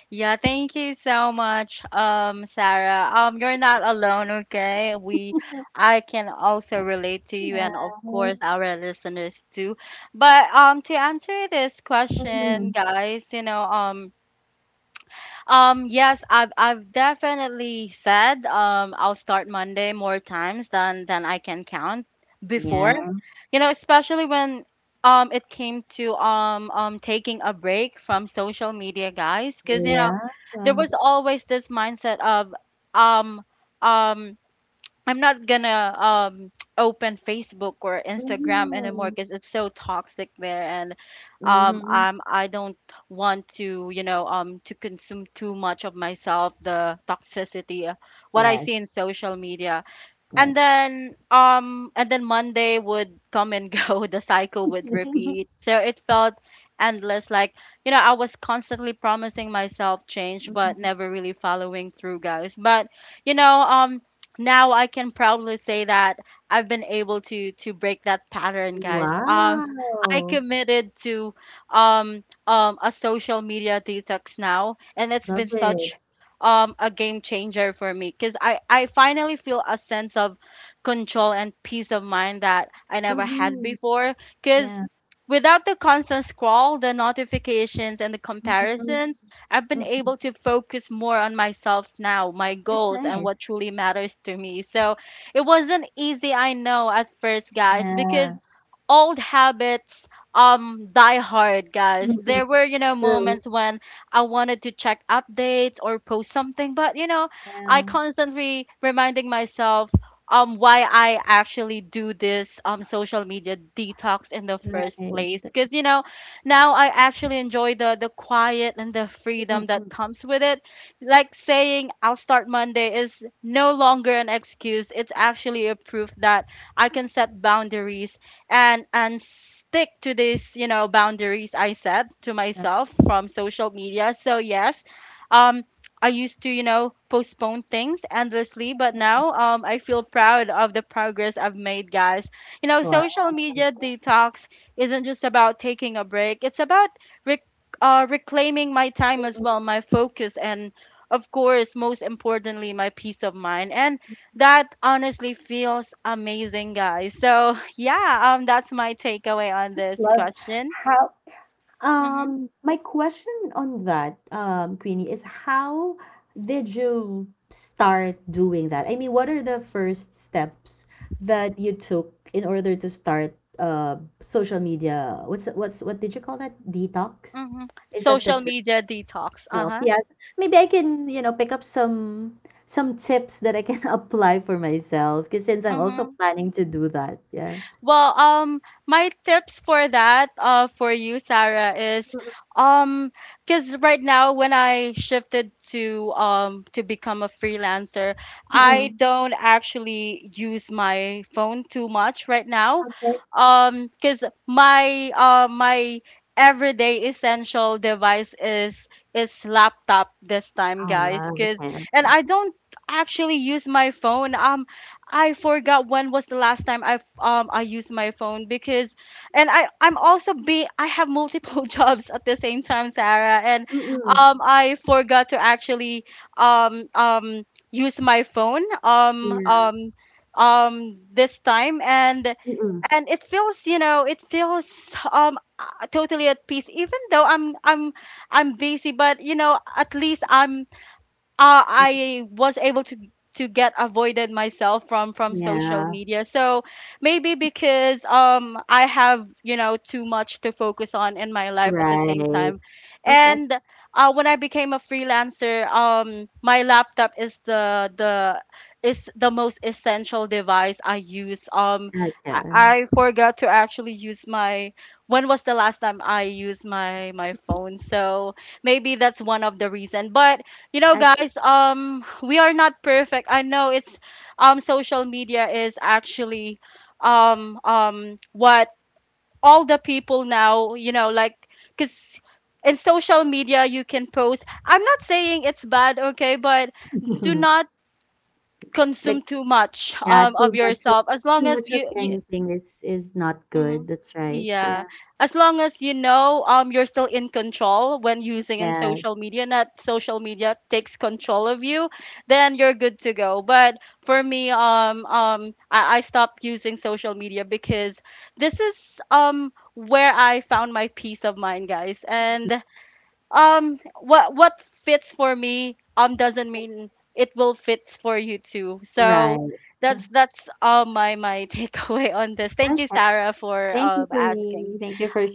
Speaker 1: Yeah, thank you so much, Sarah. You're not alone, okay? We, I can also relate to you,
Speaker 2: Yeah.
Speaker 1: and of course, our listeners too. But to answer this question,
Speaker 2: Mhm.
Speaker 1: guys, you know, yes, I've definitely said I'll start Monday more times than I can count before.
Speaker 2: Yeah.
Speaker 1: You know, especially when it came to taking a break from social media, guys, because you know
Speaker 2: Yeah.
Speaker 1: there was always this mindset of um um I'm not gonna open Facebook or Instagram anymore
Speaker 2: Mm-hmm.
Speaker 1: because it's so toxic there, and
Speaker 2: Mm-hmm.
Speaker 1: I don't want to you know to consume too much of myself the toxicity, what I
Speaker 2: Yes.
Speaker 1: see in social media,
Speaker 2: Yes.
Speaker 1: and then Monday would come and go. The cycle would repeat, so it felt endless, like you know I was constantly promising myself change but
Speaker 2: Mhm.
Speaker 1: never really following through, guys. But you know now I can proudly say that I've been able to break that pattern, guys. I
Speaker 2: Wow.
Speaker 1: committed to a social media detox now, and it's been
Speaker 2: Love
Speaker 1: such
Speaker 2: it.
Speaker 1: a game changer for me because I finally feel a sense of control and peace of mind that I never had
Speaker 2: Mhm.
Speaker 1: before, because
Speaker 2: Yeah.
Speaker 1: without the constant scroll, the notifications, and the
Speaker 2: Mm. Mhm.
Speaker 1: comparisons, I've been
Speaker 2: Mm,
Speaker 1: able to focus more on myself now, my
Speaker 2: that's
Speaker 1: goals, and what
Speaker 2: nice.
Speaker 1: truly matters to me. So it wasn't easy, I know, at first, guys, because
Speaker 2: Yeah.
Speaker 1: old habits die hard, guys.
Speaker 2: Mhm.
Speaker 1: There were
Speaker 2: True.
Speaker 1: moments when I wanted to check updates or post something, but I
Speaker 2: Yeah.
Speaker 1: constantly reminding myself why I actually do this social media detox in the first
Speaker 2: Right.
Speaker 1: place, because now I actually enjoy the quiet and the freedom that
Speaker 2: Mm-hmm.
Speaker 1: comes with it. Like saying I'll start Monday is no longer an excuse. It's actually a proof that I can set boundaries and stick to these boundaries I set to
Speaker 2: Wow.
Speaker 1: myself from social media. So yes, um, I used to postpone things endlessly, but now I feel proud of the progress I've made, guys. Social
Speaker 2: Mm-mm.
Speaker 1: media detox isn't just about taking a break; it's about rec- reclaiming my time as
Speaker 2: Mm. Wow.
Speaker 1: well,
Speaker 2: Mm,
Speaker 1: my focus, and of course, most importantly, my peace of mind. And that honestly feels amazing, guys. So yeah, that's my takeaway on this
Speaker 2: love
Speaker 1: question.
Speaker 2: how,
Speaker 1: Mm-hmm,
Speaker 2: my question on that, Queenie, is how did you start doing that? I mean, what are the first steps that you took in order to start social media? What did you call that? Detox?
Speaker 1: mm-hmm.
Speaker 2: Is that the—
Speaker 1: Social media detox. Uh
Speaker 2: myself,
Speaker 1: huh.
Speaker 2: yes. Maybe I can, you know, pick up some tips that I can apply for myself, because since I'm also
Speaker 1: Mm-hmm.
Speaker 2: planning to do that, yeah.
Speaker 1: Well, my tips for that, for you, Sarah, is, um, because right now when I shifted to become a freelancer, I
Speaker 2: Mm-mm.
Speaker 1: don't actually use my phone too much right now,
Speaker 2: Okay.
Speaker 1: because my my everyday essential device is laptop this time,
Speaker 2: Ah,
Speaker 1: guys, because
Speaker 2: okay,
Speaker 1: and
Speaker 2: okay.
Speaker 1: I don't actually use my phone. I forgot when was the last time I used my phone because and I I'm also be I have multiple jobs at the same time, Sarah, and
Speaker 2: Mm-mm.
Speaker 1: I forgot to actually um um use my phone
Speaker 2: Yeah.
Speaker 1: this time and
Speaker 2: Mm-mm.
Speaker 1: and it feels totally at peace even though I'm busy, but at least I was able to get avoided myself from social
Speaker 2: Yeah.
Speaker 1: media. So maybe because I have too much to focus on in my life at the same
Speaker 2: Right.
Speaker 1: time,
Speaker 2: Okay.
Speaker 1: and when I became a freelancer, my laptop is the most essential device I use. I,
Speaker 2: Okay.
Speaker 1: I forgot to actually use my. When was the last time I used my phone? So maybe that's one of the reason. But
Speaker 2: I,
Speaker 1: guys, we are not perfect. I know it's social media is actually what all the people now, like because in social media you can post. I'm not saying it's bad, okay, but do not consume
Speaker 2: like,
Speaker 1: too much
Speaker 2: yeah,
Speaker 1: of
Speaker 2: too much of
Speaker 1: yourself as long
Speaker 2: too
Speaker 1: as
Speaker 2: much of
Speaker 1: you
Speaker 2: anything is not good.
Speaker 1: Mhm.
Speaker 2: That's right.
Speaker 1: Yeah.
Speaker 2: Yeah.
Speaker 1: As long as you're still in control when using in
Speaker 2: Yes.
Speaker 1: social media, not social media takes control of you, then you're good to go. But for me, I stopped using social media because this is where I found my peace of mind, guys. And what fits for me doesn't mean it will fits for you too, so
Speaker 2: Right. So.
Speaker 1: that's my takeaway on this. Thank you,
Speaker 2: Okay.
Speaker 1: Sarah, for
Speaker 2: Thank you,
Speaker 1: asking.
Speaker 2: Penny. Thank you for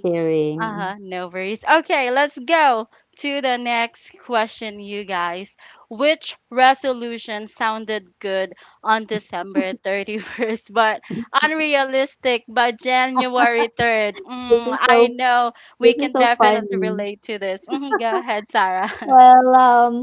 Speaker 1: Uh-huh,
Speaker 2: sharing.
Speaker 1: no worries. Okay, let's go to the next question, you guys. Which resolution sounded good on December 31st, but unrealistic by January 3rd?
Speaker 2: This is
Speaker 1: I
Speaker 2: so
Speaker 1: know we
Speaker 2: This is
Speaker 1: can
Speaker 2: so
Speaker 1: definitely
Speaker 2: funny.
Speaker 1: relate to this. Mhm, go ahead, Sarah.
Speaker 2: Well,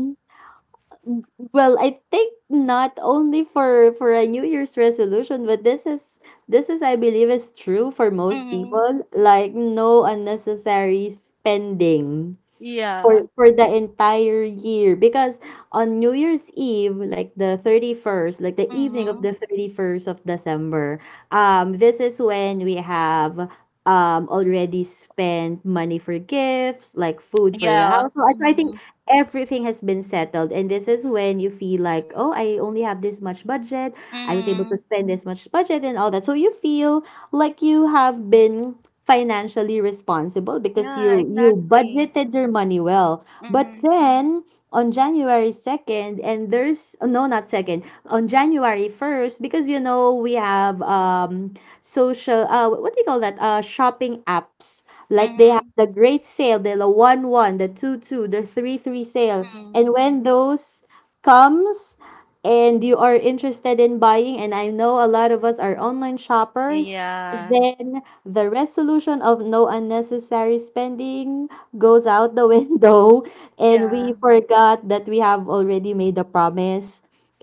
Speaker 2: w- I think not only for a New Year's resolution, but this is, I believe, is true for most
Speaker 1: Hmm.
Speaker 2: people. Like, no unnecessary spending
Speaker 1: Yeah.
Speaker 2: for the entire year, because on New Year's Eve, like the 31st, like the evening of
Speaker 1: Hmm.
Speaker 2: the 31st of December, this is when we have already spent money for gifts, like food for the
Speaker 1: Yeah.
Speaker 2: house. So I
Speaker 1: Hmm.
Speaker 2: think everything has been settled, and this is when you feel like, "Oh, I only have this much budget. I was able to
Speaker 1: Hmm.
Speaker 2: spend this much budget and all that." So you feel like you have been financially responsible because
Speaker 1: Yeah,
Speaker 2: you
Speaker 1: exactly.
Speaker 2: budgeted your money well. But
Speaker 1: Hmm.
Speaker 2: then on January 2nd, and there's no, not 2nd, on January 1st, because you know we have, social, what do you call that, shopping apps, like they have
Speaker 1: Hmm.
Speaker 2: the great sale, the 1 1, the 2 2, the 3 3 sale,
Speaker 1: Hmm.
Speaker 2: and when those comes, and you are interested in buying, and I know a lot of us are online shoppers,
Speaker 1: Yeah.
Speaker 2: then the resolution of no unnecessary spending goes out the window, and
Speaker 1: Yeah.
Speaker 2: we forgot that we have already made a promise,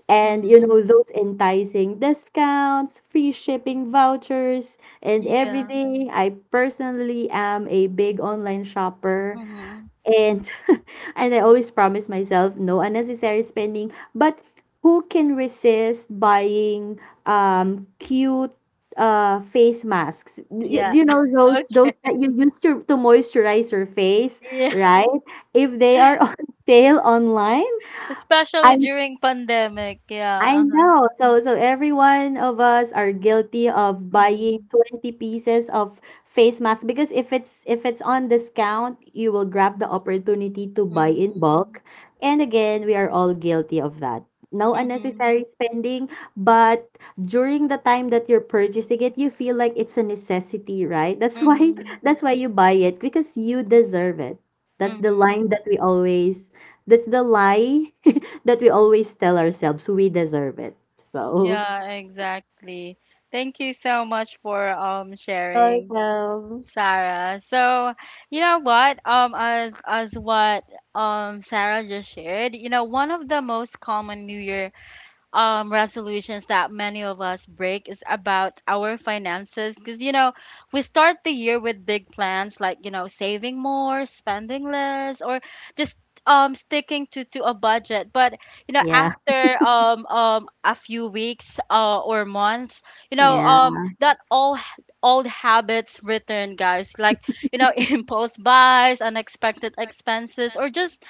Speaker 2: and you
Speaker 1: Mhm.
Speaker 2: know those enticing discounts, free shipping vouchers, and
Speaker 1: Yeah.
Speaker 2: everything. I personally am a big online shopper,
Speaker 1: Mhm.
Speaker 2: and and I always promise myself no unnecessary spending. But who can resist buying cute face masks? You,
Speaker 1: Yeah.
Speaker 2: you know those
Speaker 1: Okay.
Speaker 2: that you use to moisturize your face,
Speaker 1: Yeah.
Speaker 2: right? If they are on sale online.
Speaker 1: Especially
Speaker 2: I
Speaker 1: during pandemic.
Speaker 2: I
Speaker 1: Yeah. Uh-huh.
Speaker 2: know. So every one of us are guilty of buying
Speaker 1: Mhm.
Speaker 2: 20 pieces of face mask, because if it's on discount, you will grab the opportunity to buy in
Speaker 1: Mhm.
Speaker 2: bulk. And again, we are all guilty of that. No
Speaker 1: Mhm.
Speaker 2: unnecessary spending, but during the time that you're purchasing it, you feel like it's a necessity, right? That's why
Speaker 1: Mhm.
Speaker 2: that's why you buy it, because you deserve it. That's the
Speaker 1: Mhm.
Speaker 2: line that we always, that's the lie that we always tell ourselves, we deserve it. So.
Speaker 1: Yeah, exactly. Thank you so much for sharing,
Speaker 2: Welcome.
Speaker 1: Sarah. So, you know what? As what Sarah just shared, one of the most common New Year resolutions that many of us break is about our finances, because we start the year with big plans like saving more, spending less, or just sticking to a budget, but
Speaker 2: Yeah,
Speaker 1: after a few weeks or months,
Speaker 2: yeah.
Speaker 1: that all old habits return, guys, like impulse buys, unexpected expenses, or just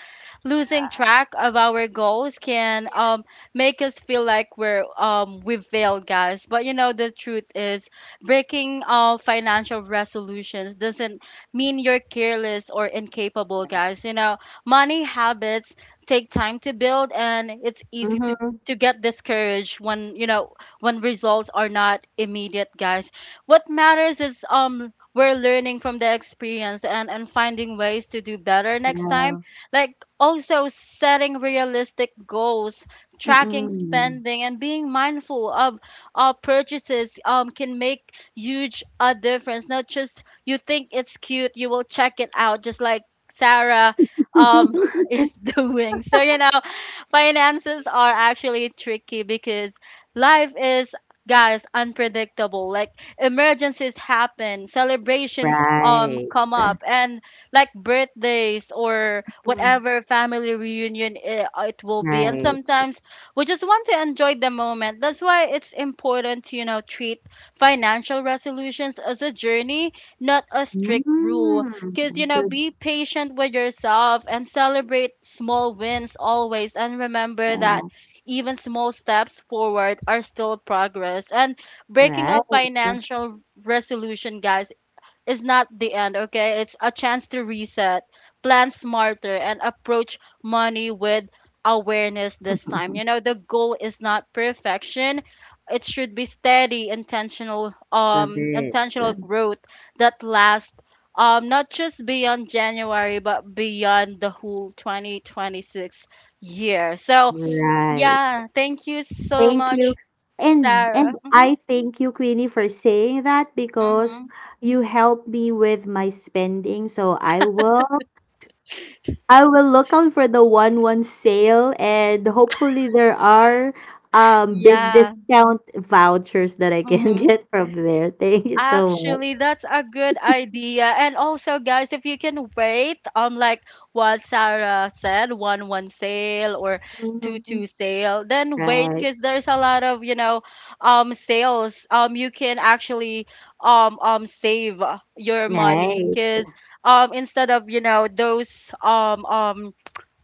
Speaker 1: losing track of our goals, can make us feel like we failed, guys. But the truth is breaking financial resolutions doesn't mean you're careless or incapable, guys. Money habits take time to build, and it's easy to
Speaker 2: Mm-hmm.
Speaker 1: to get discouraged when when results are not immediate, guys. What matters is we're learning from the experience and finding ways to do better next time,
Speaker 2: Yeah.
Speaker 1: like also setting realistic goals, tracking
Speaker 2: Mm-mm.
Speaker 1: spending, and being mindful of our purchases, can make huge a difference. Not just you think it's cute you will check it out, just like Sarah, um, is doing. So finances are actually tricky because life is, guys, unpredictable, like emergencies happen, celebrations
Speaker 2: Right.
Speaker 1: come up, and like birthdays or
Speaker 2: Mm.
Speaker 1: whatever family reunion it will be, and
Speaker 2: Right.
Speaker 1: sometimes we just want to enjoy the moment. That's why it's important to treat financial resolutions as a journey, not a strict rule.
Speaker 2: Mm.
Speaker 1: Because
Speaker 2: Good.
Speaker 1: be patient with yourself and celebrate small wins always. And remember
Speaker 2: Yeah.
Speaker 1: that even small steps forward are still progress. And breaking a
Speaker 2: Right.
Speaker 1: financial resolution, guys, is not the end, okay? It's a chance to reset, plan smarter, and approach money with awareness this time. You know, the goal is not perfection. It should be steady, intentional,
Speaker 2: Love
Speaker 1: um,
Speaker 2: it.
Speaker 1: intentional growth that lasts not just beyond January but beyond the whole 2026 year. So,
Speaker 2: Right.
Speaker 1: yeah, thank you so
Speaker 2: Thank
Speaker 1: much,
Speaker 2: you. And
Speaker 1: Sarah.
Speaker 2: and
Speaker 1: Mhm.
Speaker 2: I thank you, Queenie, for saying that, because
Speaker 1: Mhm.
Speaker 2: you helped me with my spending. So I will look out for the one one sale, and hopefully there are big
Speaker 1: Yeah.
Speaker 2: discount vouchers that I can
Speaker 1: Mhm.
Speaker 2: get from there. Thank you so
Speaker 1: Actually, that's a good idea. And also, guys, if you can wait, like what Sarah said, one one sale or two
Speaker 2: much. Mhm.
Speaker 1: two sale, then wait
Speaker 2: Right.
Speaker 1: because there's a lot of, sales. You can actually save your money
Speaker 2: Right.
Speaker 1: because instead of those um um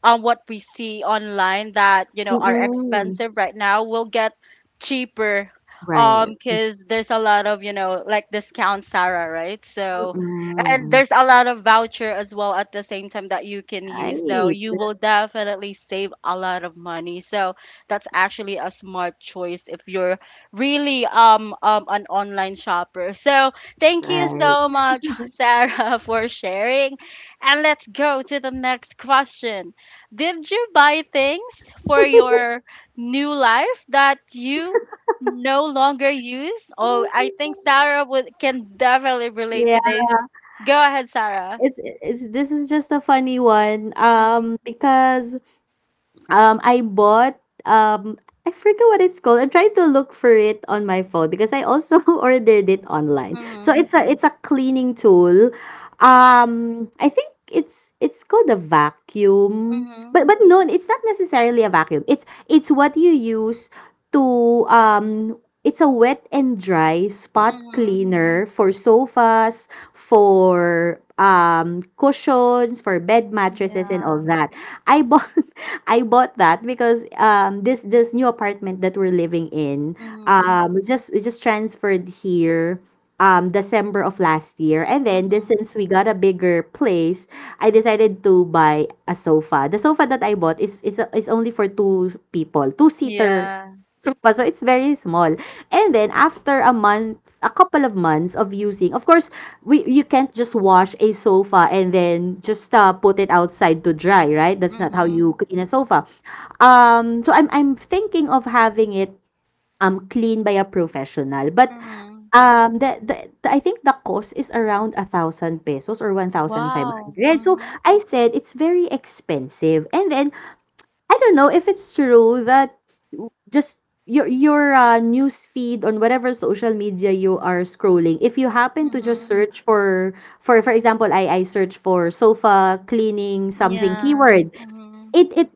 Speaker 1: um what we see online that are
Speaker 2: Mm-mm.
Speaker 1: expensive right now will get cheaper
Speaker 2: Right.
Speaker 1: because there's a lot of, like, discount, Sarah, right, so and
Speaker 2: Mm-mm.
Speaker 1: there's a lot of voucher as well at the same time that you can use, so
Speaker 2: Right.
Speaker 1: you will definitely save a lot of money, so that's actually a smart choice if you're really an online shopper, so thank you
Speaker 2: Right.
Speaker 1: so much Sarah for sharing, and let's go to the next question. Did you buy things for your new life that you no longer use? Oh, I think Sarah would can definitely relate
Speaker 2: Yeah.
Speaker 1: to this. Go ahead, Sarah.
Speaker 2: It's this is just a funny one.
Speaker 1: Mm-hmm.
Speaker 2: Because I bought, um I forget what it's called. I'm trying to look for it on my phone because I also ordered it online. So
Speaker 1: Mm-hmm.
Speaker 2: it's a cleaning tool. I think it's called a vacuum. But no, it's not necessarily a vacuum. It's what you use to, it's a wet and dry spot
Speaker 1: Mm-hmm.
Speaker 2: cleaner for sofas, for cushions, for bed mattresses and all
Speaker 1: Yeah.
Speaker 2: that. I bought I bought that because um, this new apartment that we're living in,
Speaker 1: Mm-hmm.
Speaker 2: we just transferred here December of last year. And then this
Speaker 1: Mm-hmm.
Speaker 2: since we got a bigger place, I decided to buy a sofa. The sofa that I bought is only for two people, two seater
Speaker 1: Yeah.
Speaker 2: sofa. So it's very small. And then after a month, a couple of months of using, of course, we you can't just wash a sofa and then just put it outside to dry, right? That's not how
Speaker 1: Mm-hmm.
Speaker 2: you clean a sofa. So I'm thinking of having it clean by a professional. But
Speaker 1: Mm-hmm.
Speaker 2: the I think the cost is around a thousand pesos or one thousand five
Speaker 1: Wow.
Speaker 2: hundred. So
Speaker 1: Mm-hmm.
Speaker 2: I said it's very expensive. And then I don't know if it's true that just your news feed on whatever social media you are scrolling, if you happen to just
Speaker 1: Mm-hmm.
Speaker 2: search for, for example, I search for sofa cleaning, something,
Speaker 1: Yeah.
Speaker 2: keyword,
Speaker 1: Mm-hmm.
Speaker 2: it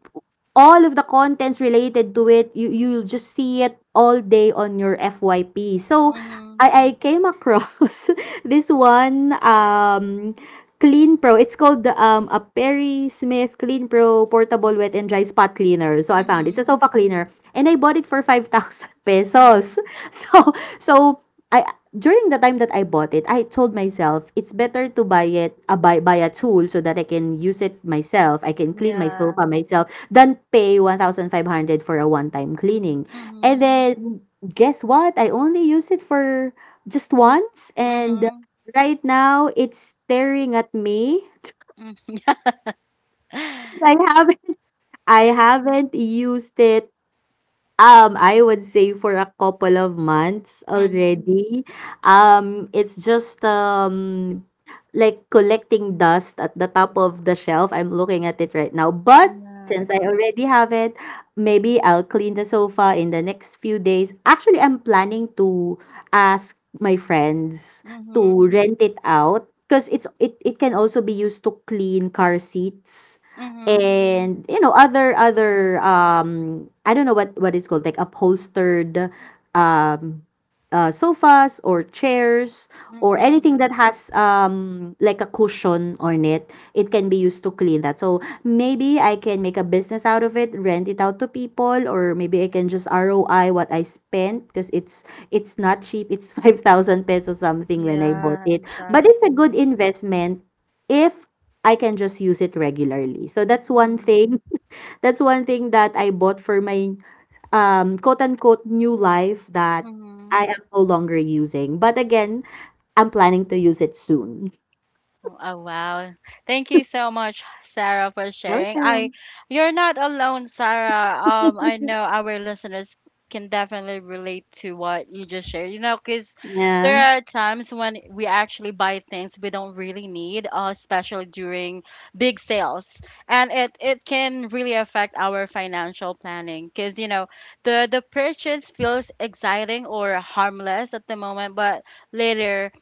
Speaker 2: all of the contents related to it, you'll just see it all day on your FYP. So
Speaker 1: Mm-hmm.
Speaker 2: I came across this one, Clean Pro. It's called a Perry Smith Clean Pro Portable Wet and Dry Spot Cleaner. So I found it's a
Speaker 1: Mm-hmm.
Speaker 2: sofa cleaner and I bought it for 5,000
Speaker 1: Mm-hmm.
Speaker 2: pesos. So so I During the time that I bought it, I told myself it's better to buy a tool so that I can use it myself. I can clean my
Speaker 1: Yeah.
Speaker 2: sofa myself than pay 1,500 for a one-time cleaning. And
Speaker 1: Mm-hmm.
Speaker 2: then guess what? I only used it for just once, and
Speaker 1: Mm-hmm.
Speaker 2: right now it's staring at me.
Speaker 1: Mm.
Speaker 2: I haven't I haven't used it. I would say for a couple of months
Speaker 1: Mhm.
Speaker 2: already. It's just like collecting dust at the top of the shelf. I'm looking at it right now. But
Speaker 1: Yeah.
Speaker 2: since I already have it, maybe I'll clean the sofa in the next few days. Actually, I'm planning to ask my friends to
Speaker 1: Mhm.
Speaker 2: rent it out because it can also be used to clean car seats,
Speaker 1: Mhm.
Speaker 2: and you know, other I don't know what it's called, like upholstered, um sofas or chairs, or
Speaker 1: Mhm.
Speaker 2: anything that has like a cushion on it. It can be used to clean that. So maybe I can make a business out of it, rent it out to people, or maybe I can just ROI what I spent, because it's not cheap. It's 5,000 pesos something when I bought
Speaker 1: Yeah,
Speaker 2: it. But it's a good
Speaker 1: exactly.
Speaker 2: investment if I can just use it regularly. So that's one
Speaker 1: Mm.
Speaker 2: thing. That's one thing that I bought for my quote unquote new life that
Speaker 1: Mhm.
Speaker 2: I am no longer using. But again, I'm planning to use it soon.
Speaker 1: Oh oh, wow. Thank you so much, Sarah, for sharing.
Speaker 2: Okay.
Speaker 1: I You're not alone, Sarah. I know our listeners can definitely relate to what you just shared. Cuz there
Speaker 2: Yeah.
Speaker 1: are times when we actually buy things we don't really need, especially during big sales. And it can really affect our financial planning, cuz the purchase feels exciting or harmless at the moment, but later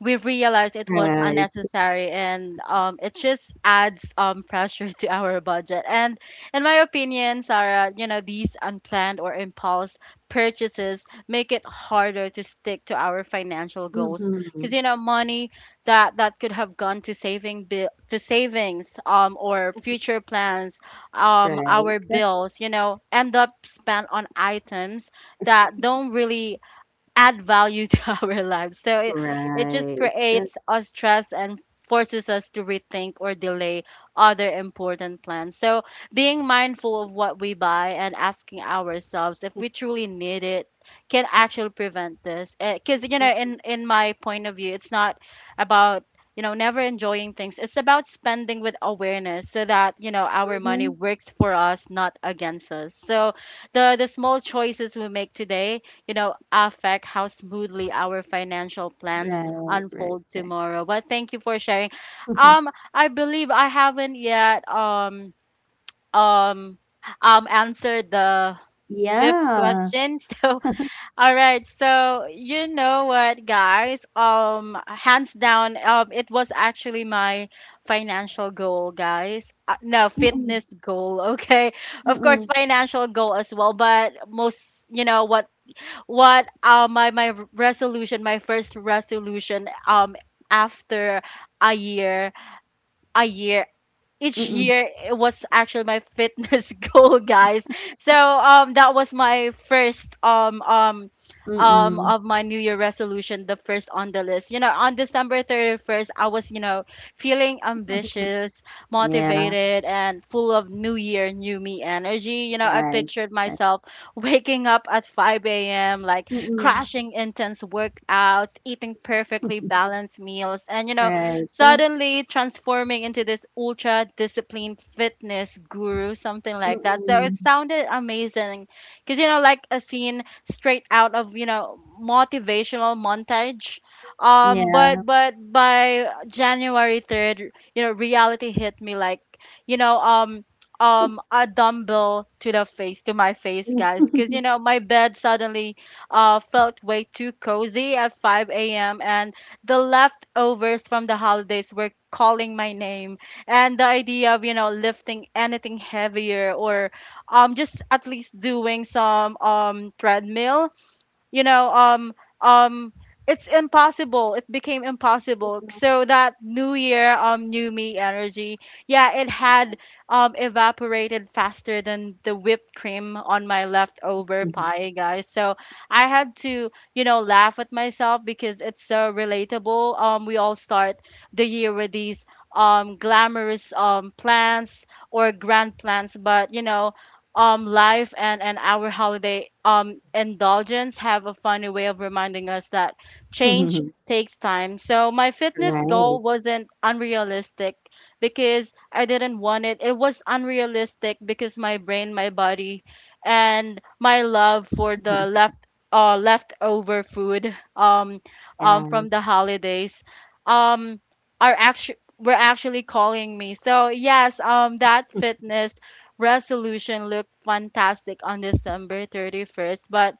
Speaker 1: we realized it was
Speaker 2: Right.
Speaker 1: unnecessary and it just adds pressure to our budget. And in my opinion, Sarah, these unplanned or impulse purchases make it harder to stick to our financial goals,
Speaker 2: Hmm.
Speaker 1: because money that could have gone to saving bill, to savings or future plans,
Speaker 2: Right.
Speaker 1: our
Speaker 2: That's
Speaker 1: bills, end up spent on items that don't really add value to our lives. So it just
Speaker 2: right. That's
Speaker 1: creates us stress and forces us to rethink or delay other important plans. So being mindful of what we buy and asking ourselves if we truly need it can actually prevent this. Because in my point of view, it's not about never enjoying things. It's about spending with awareness so that our money
Speaker 2: Mhm.
Speaker 1: works for us, not against us, so the small choices we make today, affect how smoothly our financial plans
Speaker 2: Right. Right.
Speaker 1: unfold
Speaker 2: Right.
Speaker 1: tomorrow. But thank you for sharing.
Speaker 2: Mhm.
Speaker 1: I believe I haven't yet um answered the fifth
Speaker 2: Yeah.
Speaker 1: question. So all right, so you know what, guys? Hands down, it was actually my financial goal, guys. No,
Speaker 2: Mm-mm.
Speaker 1: fitness goal. Okay, of course,
Speaker 2: Mm-mm.
Speaker 1: financial goal as well, but most, what my first resolution after a year, each
Speaker 2: Mm-mm.
Speaker 1: year, it was actually my fitness goal, guys, so that was my first
Speaker 2: Mm-mm.
Speaker 1: of my new year resolution, the first on the list, on December 31st I was feeling ambitious,
Speaker 2: Yeah.
Speaker 1: motivated, and full of new year, new me energy. I
Speaker 2: Right.
Speaker 1: pictured
Speaker 2: Right.
Speaker 1: myself waking up at 5 a.m. like
Speaker 2: Mm-mm.
Speaker 1: crashing intense workouts, eating perfectly balanced meals, and
Speaker 2: Right.
Speaker 1: suddenly transforming into this ultra disciplined fitness guru, something like that. So it
Speaker 2: Mm,
Speaker 1: sounded amazing because, you know, like a scene straight out of motivational montage. Um, but
Speaker 2: yeah.
Speaker 1: but by January 3rd, you know, reality hit me like, you know, um, a dumbbell to the face, to my face, guys. Because you know, my bed suddenly felt way too cozy at 5 a.m. And the leftovers from the holidays were calling my name, and the idea of, you know, lifting anything heavier, or just at least doing some treadmill, you know um um it's impossible, it became impossible. So that new year, new me energy, yeah, it had evaporated faster than the whipped cream on my leftover pie, guys. So I had to, you know, laugh at myself because it's so relatable. We all start the year with these glamorous plans, or grand plans, but life and our holiday indulgence have a funny way of reminding us that change takes time. So my fitness goal
Speaker 2: Right.
Speaker 1: wasn't unrealistic because I didn't want it. It was unrealistic because my brain, my body, and my love for the leftover food
Speaker 2: Yeah.
Speaker 1: from the holidays, um are actually were actually calling me. So yes, that fitness resolution looked fantastic on December 31st, but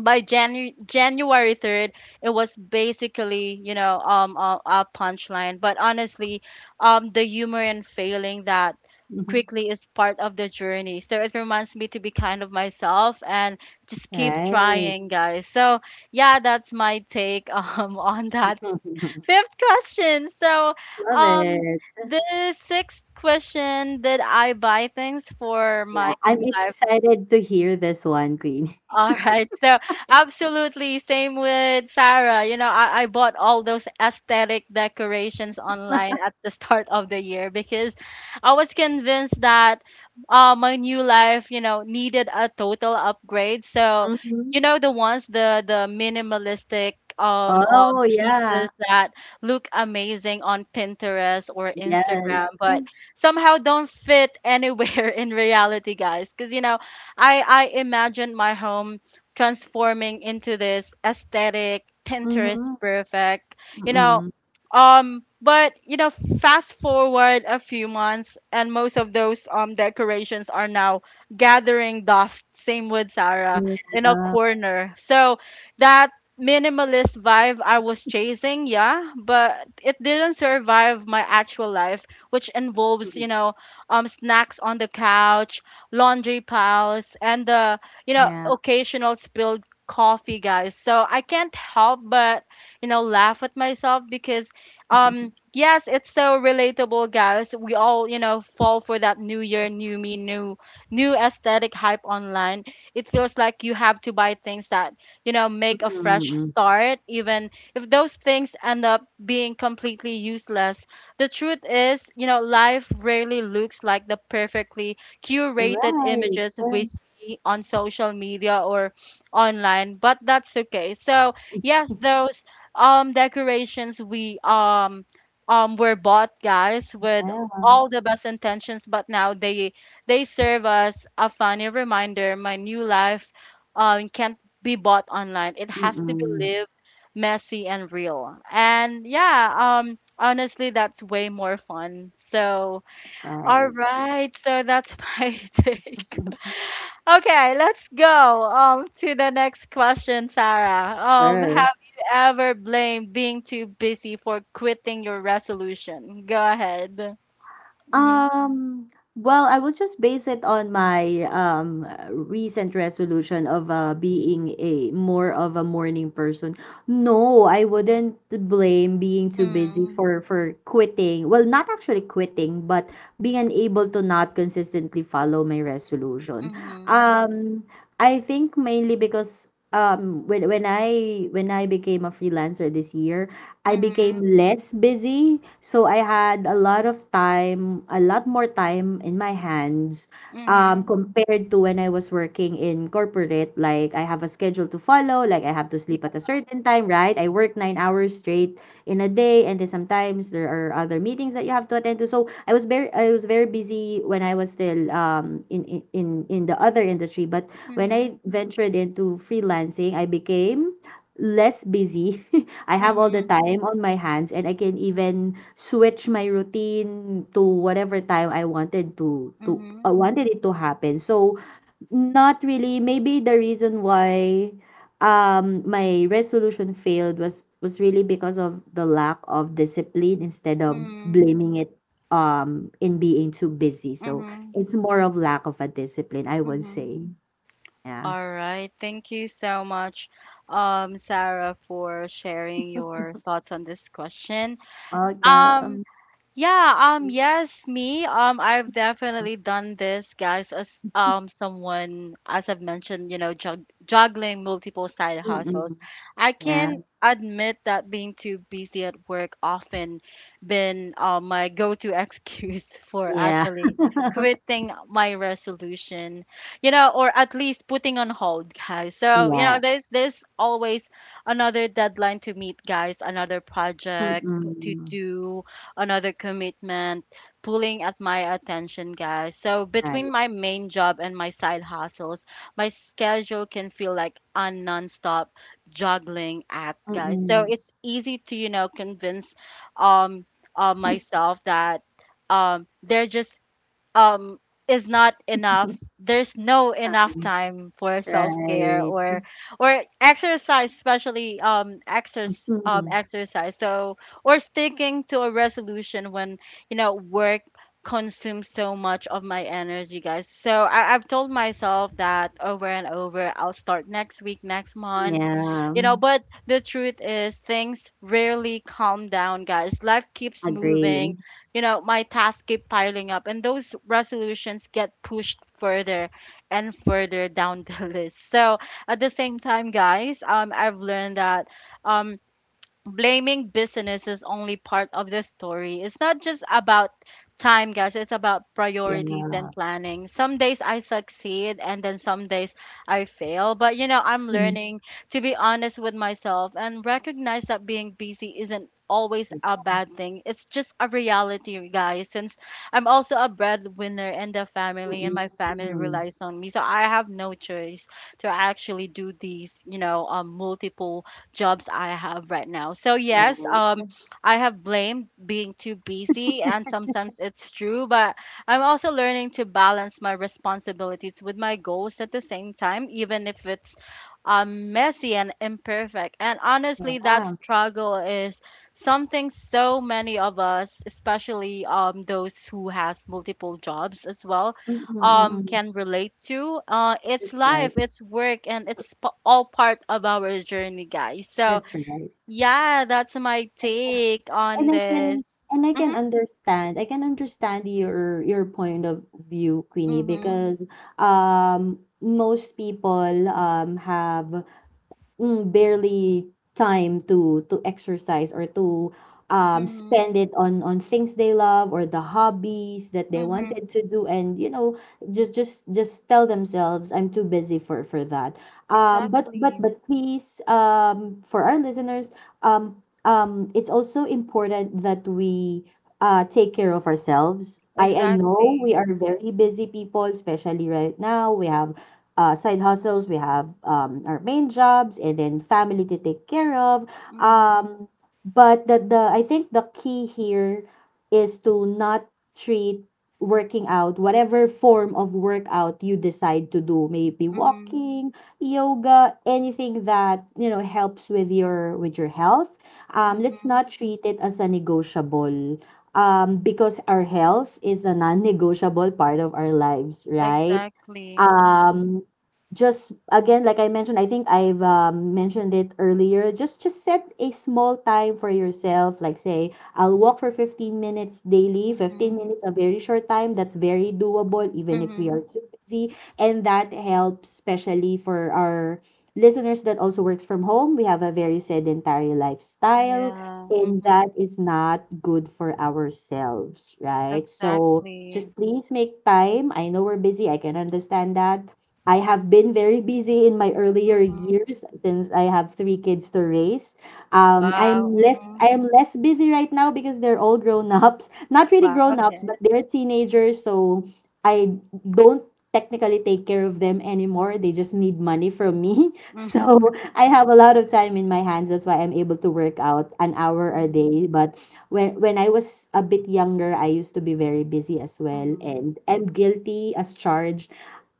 Speaker 1: by January 3rd, it was basically, a punchline. But honestly, the humor in failing that
Speaker 2: Mhm.
Speaker 1: quickly is part of the journey. So it reminds me to be kind of myself and just keep
Speaker 2: Right.
Speaker 1: trying, guys. So yeah, that's my take on that fifth question. So,
Speaker 2: Love
Speaker 1: um,
Speaker 2: it.
Speaker 1: the sixth question: Did I buy things for my
Speaker 2: Yeah,
Speaker 1: new
Speaker 2: I'm
Speaker 1: life?
Speaker 2: excited to hear this one, Queen.
Speaker 1: All right. So absolutely same with Sarah. You know, I bought all those aesthetic decorations online at the start of the year because I was convinced that my new life, you know, needed a total upgrade. So,
Speaker 2: Mhm.
Speaker 1: you know, the ones, the minimalistic
Speaker 2: Oh, yeah.
Speaker 1: pieces that look amazing on Pinterest or
Speaker 2: Yes.
Speaker 1: Instagram,
Speaker 2: Mm-hmm.
Speaker 1: but somehow don't fit anywhere in reality, guys. Because, you know, I imagined my home transforming into this aesthetic Pinterest perfect. You know,
Speaker 2: Mm-mm.
Speaker 1: but you know, fast forward a few months and most of those decorations are now gathering dust, same with Sarah, in a
Speaker 2: Yeah.
Speaker 1: corner. So that minimalist vibe I was chasing, yeah, but it didn't survive my actual life, which involves, you know, snacks on the couch, laundry piles, and you know,
Speaker 2: Yeah.
Speaker 1: occasional spilled coffee, guys. So I can't help but, you know, laugh at myself because, yes, it's so relatable, guys. We all, you know, fall for that new year, new me, new aesthetic hype online. It feels like you have to buy things that, you know, make a fresh
Speaker 2: Mm-mm.
Speaker 1: start, even if those things end up being completely useless. The truth is, you know, life rarely looks like the perfectly curated
Speaker 2: Right.
Speaker 1: images we see on social media or online, but that's okay. So yes, those decorations we were bought, guys, with
Speaker 2: Yeah.
Speaker 1: all the best intentions, but now they serve as a funny reminder. My new life can't be bought online. It has to be
Speaker 2: Mm-mm.
Speaker 1: lived messy and real. And yeah, honestly that's way more fun. So all
Speaker 2: Right.
Speaker 1: right, so that's my take. Okay, let's go to the next question, Sarah.
Speaker 2: Sure.
Speaker 1: Have you ever blamed being too busy for quitting your resolution? Go ahead. Mhm.
Speaker 2: Um, well, I will just base it on my recent resolution of being a more of a morning person. No, I wouldn't blame being too busy
Speaker 1: Mhm.
Speaker 2: for quitting. Well, not actually quitting, but being unable to not consistently follow my resolution.
Speaker 1: Mhm.
Speaker 2: Um, I think mainly because when I became a freelancer this year, I became less busy, so I had a lot of time, a lot more time in my hands,
Speaker 1: Mhm.
Speaker 2: compared to when I was working in corporate. Like I have a schedule to follow, like I have to sleep at a certain time, right? I work 9 hours straight in a day, and then sometimes there are other meetings that you have to attend to. So I was very busy when I was still in the other industry. But when
Speaker 1: Mhm.
Speaker 2: I ventured into freelancing, I became less busy. I have all the
Speaker 1: Mhm.
Speaker 2: time on my hands and I can even switch my routine to whatever time
Speaker 1: Mhm.
Speaker 2: I
Speaker 1: Mhm.
Speaker 2: wanted it to happen. So not really, maybe the reason why my resolution failed was really because of the lack of discipline, instead of
Speaker 1: Mhm.
Speaker 2: blaming it in being too busy. So
Speaker 1: Mhm.
Speaker 2: it's more of lack of a discipline, I would
Speaker 1: Mhm.
Speaker 2: say. Yeah.
Speaker 1: All right. Thank you so much, Sarah, for sharing your thoughts on this question.
Speaker 2: Okay.
Speaker 1: Um, Yeah, yes, me. I've definitely done this, guys, as someone, as I've mentioned, you know, juggling multiple side
Speaker 2: Mm-mm.
Speaker 1: hustles. I
Speaker 2: Yeah.
Speaker 1: can admit that being too busy at work often been my go-to excuse for
Speaker 2: Yeah,
Speaker 1: actually quitting my resolution, you know, or at least putting on hold, guys. So, you
Speaker 2: Yeah.
Speaker 1: know, there's always another deadline to meet, guys, another project to
Speaker 2: Mm-mm.
Speaker 1: do, another commitment pulling at my attention, guys. So between
Speaker 2: Right.
Speaker 1: my main job and my side hustles, my schedule can feel like a nonstop juggling act, guys. So
Speaker 2: Mm-mm.
Speaker 1: it's easy to, you know, convince um myself that they're just um is not enough, there's no enough time for self-care,
Speaker 2: Right.
Speaker 1: or exercise, especially exercise,
Speaker 2: Mm.
Speaker 1: so or sticking to a resolution when you know work consumes so much of my energy, guys. So I've told myself that over and over, I'll start next week, next month,
Speaker 2: Yeah.
Speaker 1: you know, but the truth is things rarely calm down, guys. Life keeps
Speaker 2: Agree.
Speaker 1: moving, you know, my tasks keep piling up, and those resolutions get pushed further and further down the list. So at the same time, guys, I've learned that um, blaming business is only part of the story. It's not just about time, guys. It's about
Speaker 2: Yeah.
Speaker 1: priorities and planning. Some days I succeed, and then some days I fail. But, you know, I'm
Speaker 2: Mm.
Speaker 1: learning to be honest with myself and recognize that being busy isn't always a bad thing. It's just a reality, guys, since I'm also a breadwinner in the family and
Speaker 2: Mm-mm.
Speaker 1: my family
Speaker 2: Mm-mm.
Speaker 1: relies on me. So I have no choice to actually do these, you know, multiple jobs I have right now. So yes,
Speaker 2: Right.
Speaker 1: I have blamed being too busy, and sometimes it's true, but I'm also learning to balance my responsibilities with my goals at the same time, even if it's messy and imperfect. And honestly, that
Speaker 2: Yeah.
Speaker 1: struggle is something so many of us, especially those who has multiple jobs as well,
Speaker 2: Mm-mm. Mm-mm.
Speaker 1: can relate to. It's
Speaker 2: That's right.
Speaker 1: life, it's work, and it's all part of our journey, guys. So
Speaker 2: That's right.
Speaker 1: yeah, that's my
Speaker 2: And, uh,
Speaker 1: take
Speaker 2: and
Speaker 1: on
Speaker 2: I
Speaker 1: this.
Speaker 2: can and I can
Speaker 1: Mhm,
Speaker 2: understand. I can understand your point of view, Queenie,
Speaker 1: mhm,
Speaker 2: because most people have, mm, barely time to exercise or to
Speaker 1: mhm,
Speaker 2: spend it on things they love, or the hobbies that they
Speaker 1: mhm.
Speaker 2: wanted to do. And you know, just tell themselves, I'm too busy for that. Um
Speaker 1: Exactly,
Speaker 2: but please for our listeners, it's also important that we take care of ourselves. I know we
Speaker 1: exactly.
Speaker 2: are very busy people, especially right now. We have side hustles, we have our main jobs, and then family to take care of.
Speaker 1: Mhm,
Speaker 2: Um, but the I think the key here is to not treat working out, whatever form of workout you decide to do, maybe
Speaker 1: mhm,
Speaker 2: walking, yoga, anything that you know helps with your health. Let's not
Speaker 1: mhm.
Speaker 2: treat it as a negotiable, because our health is a non-negotiable part of our lives, right?
Speaker 1: Exactly. Mhm,
Speaker 2: um just again Like I mentioned, I think I've mentioned it earlier, just set a small time for yourself. Like, say, I'll walk for 15 minutes daily. 15
Speaker 1: mhm,
Speaker 2: minutes, a very short time, that's very doable, even if we are
Speaker 1: mhm.
Speaker 2: too busy. And that helps, especially for our listeners that also works from home. We have a very sedentary lifestyle,
Speaker 1: Yeah.
Speaker 2: and that
Speaker 1: Mhm.
Speaker 2: is not good for ourselves, right? So
Speaker 1: Exactly.
Speaker 2: just please make time. I know we're busy. I can understand that. I have been very busy in my earlier
Speaker 1: Mhm.
Speaker 2: years, since I have 3 kids to raise.
Speaker 1: Wow. Mhm.
Speaker 2: I am less busy right now because they're all grown ups. Not really
Speaker 1: Wow.
Speaker 2: grown ups,
Speaker 1: Okay.
Speaker 2: but they're teenagers. So I don't technically take care of them anymore. They just need money from me.
Speaker 1: Mm-hmm.
Speaker 2: So I have a lot of time in my hands. That's why I'm able to work out an hour a day.
Speaker 1: Mm-hmm.
Speaker 2: But when I was a bit younger, I used to be very busy as well,
Speaker 1: Mm-hmm.
Speaker 2: and I'm guilty as charged.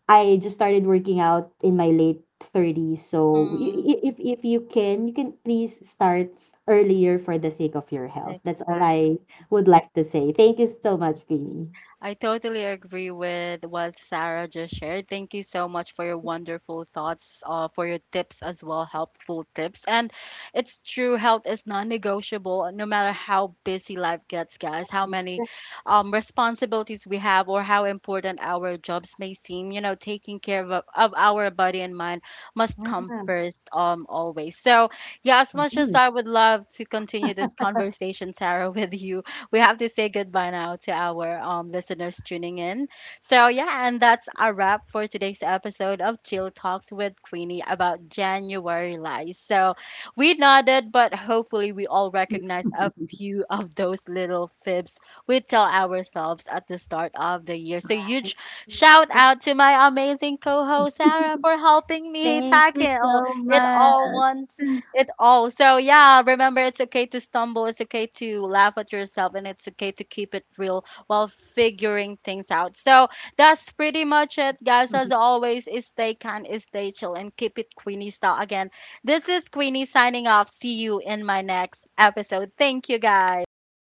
Speaker 2: I just started working out in my late 30s. So
Speaker 1: Mm,
Speaker 2: if you can, you can please start earlier for the sake of your health. That's all
Speaker 1: exact.
Speaker 2: I would like to say. Thank you so much, Queenie.
Speaker 1: I totally agree with what Sarah just shared. Thank you so much for your wonderful thoughts, for your tips as well, helpful tips. And it's true, health is non-negotiable, no matter how busy life gets, guys, how many responsibilities we have, or how important our jobs may seem. You know, taking care of our body and mind must come
Speaker 2: Yeah.
Speaker 1: first, always. So, yeah, as much as
Speaker 2: Mm.
Speaker 1: I would love to continue this conversation, Sarah, with you. We have to say goodbye now to our listeners tuning in. So, yeah, and that's a wrap for today's episode of Chill Talks with Queenie about January lies. So, we nodded, but hopefully, we all recognize a few of those little fibs we tell ourselves at the start of the year. So, huge shout out to my amazing co host, Sarah, for helping me
Speaker 2: Thank you
Speaker 1: tackle
Speaker 2: so much.
Speaker 1: it all. So yeah, remember it's okay to stumble, it's okay to laugh at yourself, and it's okay to keep it real while figuring things out. So that's pretty much it, guys. As always, is stay kind, is stay chill, and keep it Queenie style. Again, this is Queenie signing off. See you in my next episode. Thank you, guys.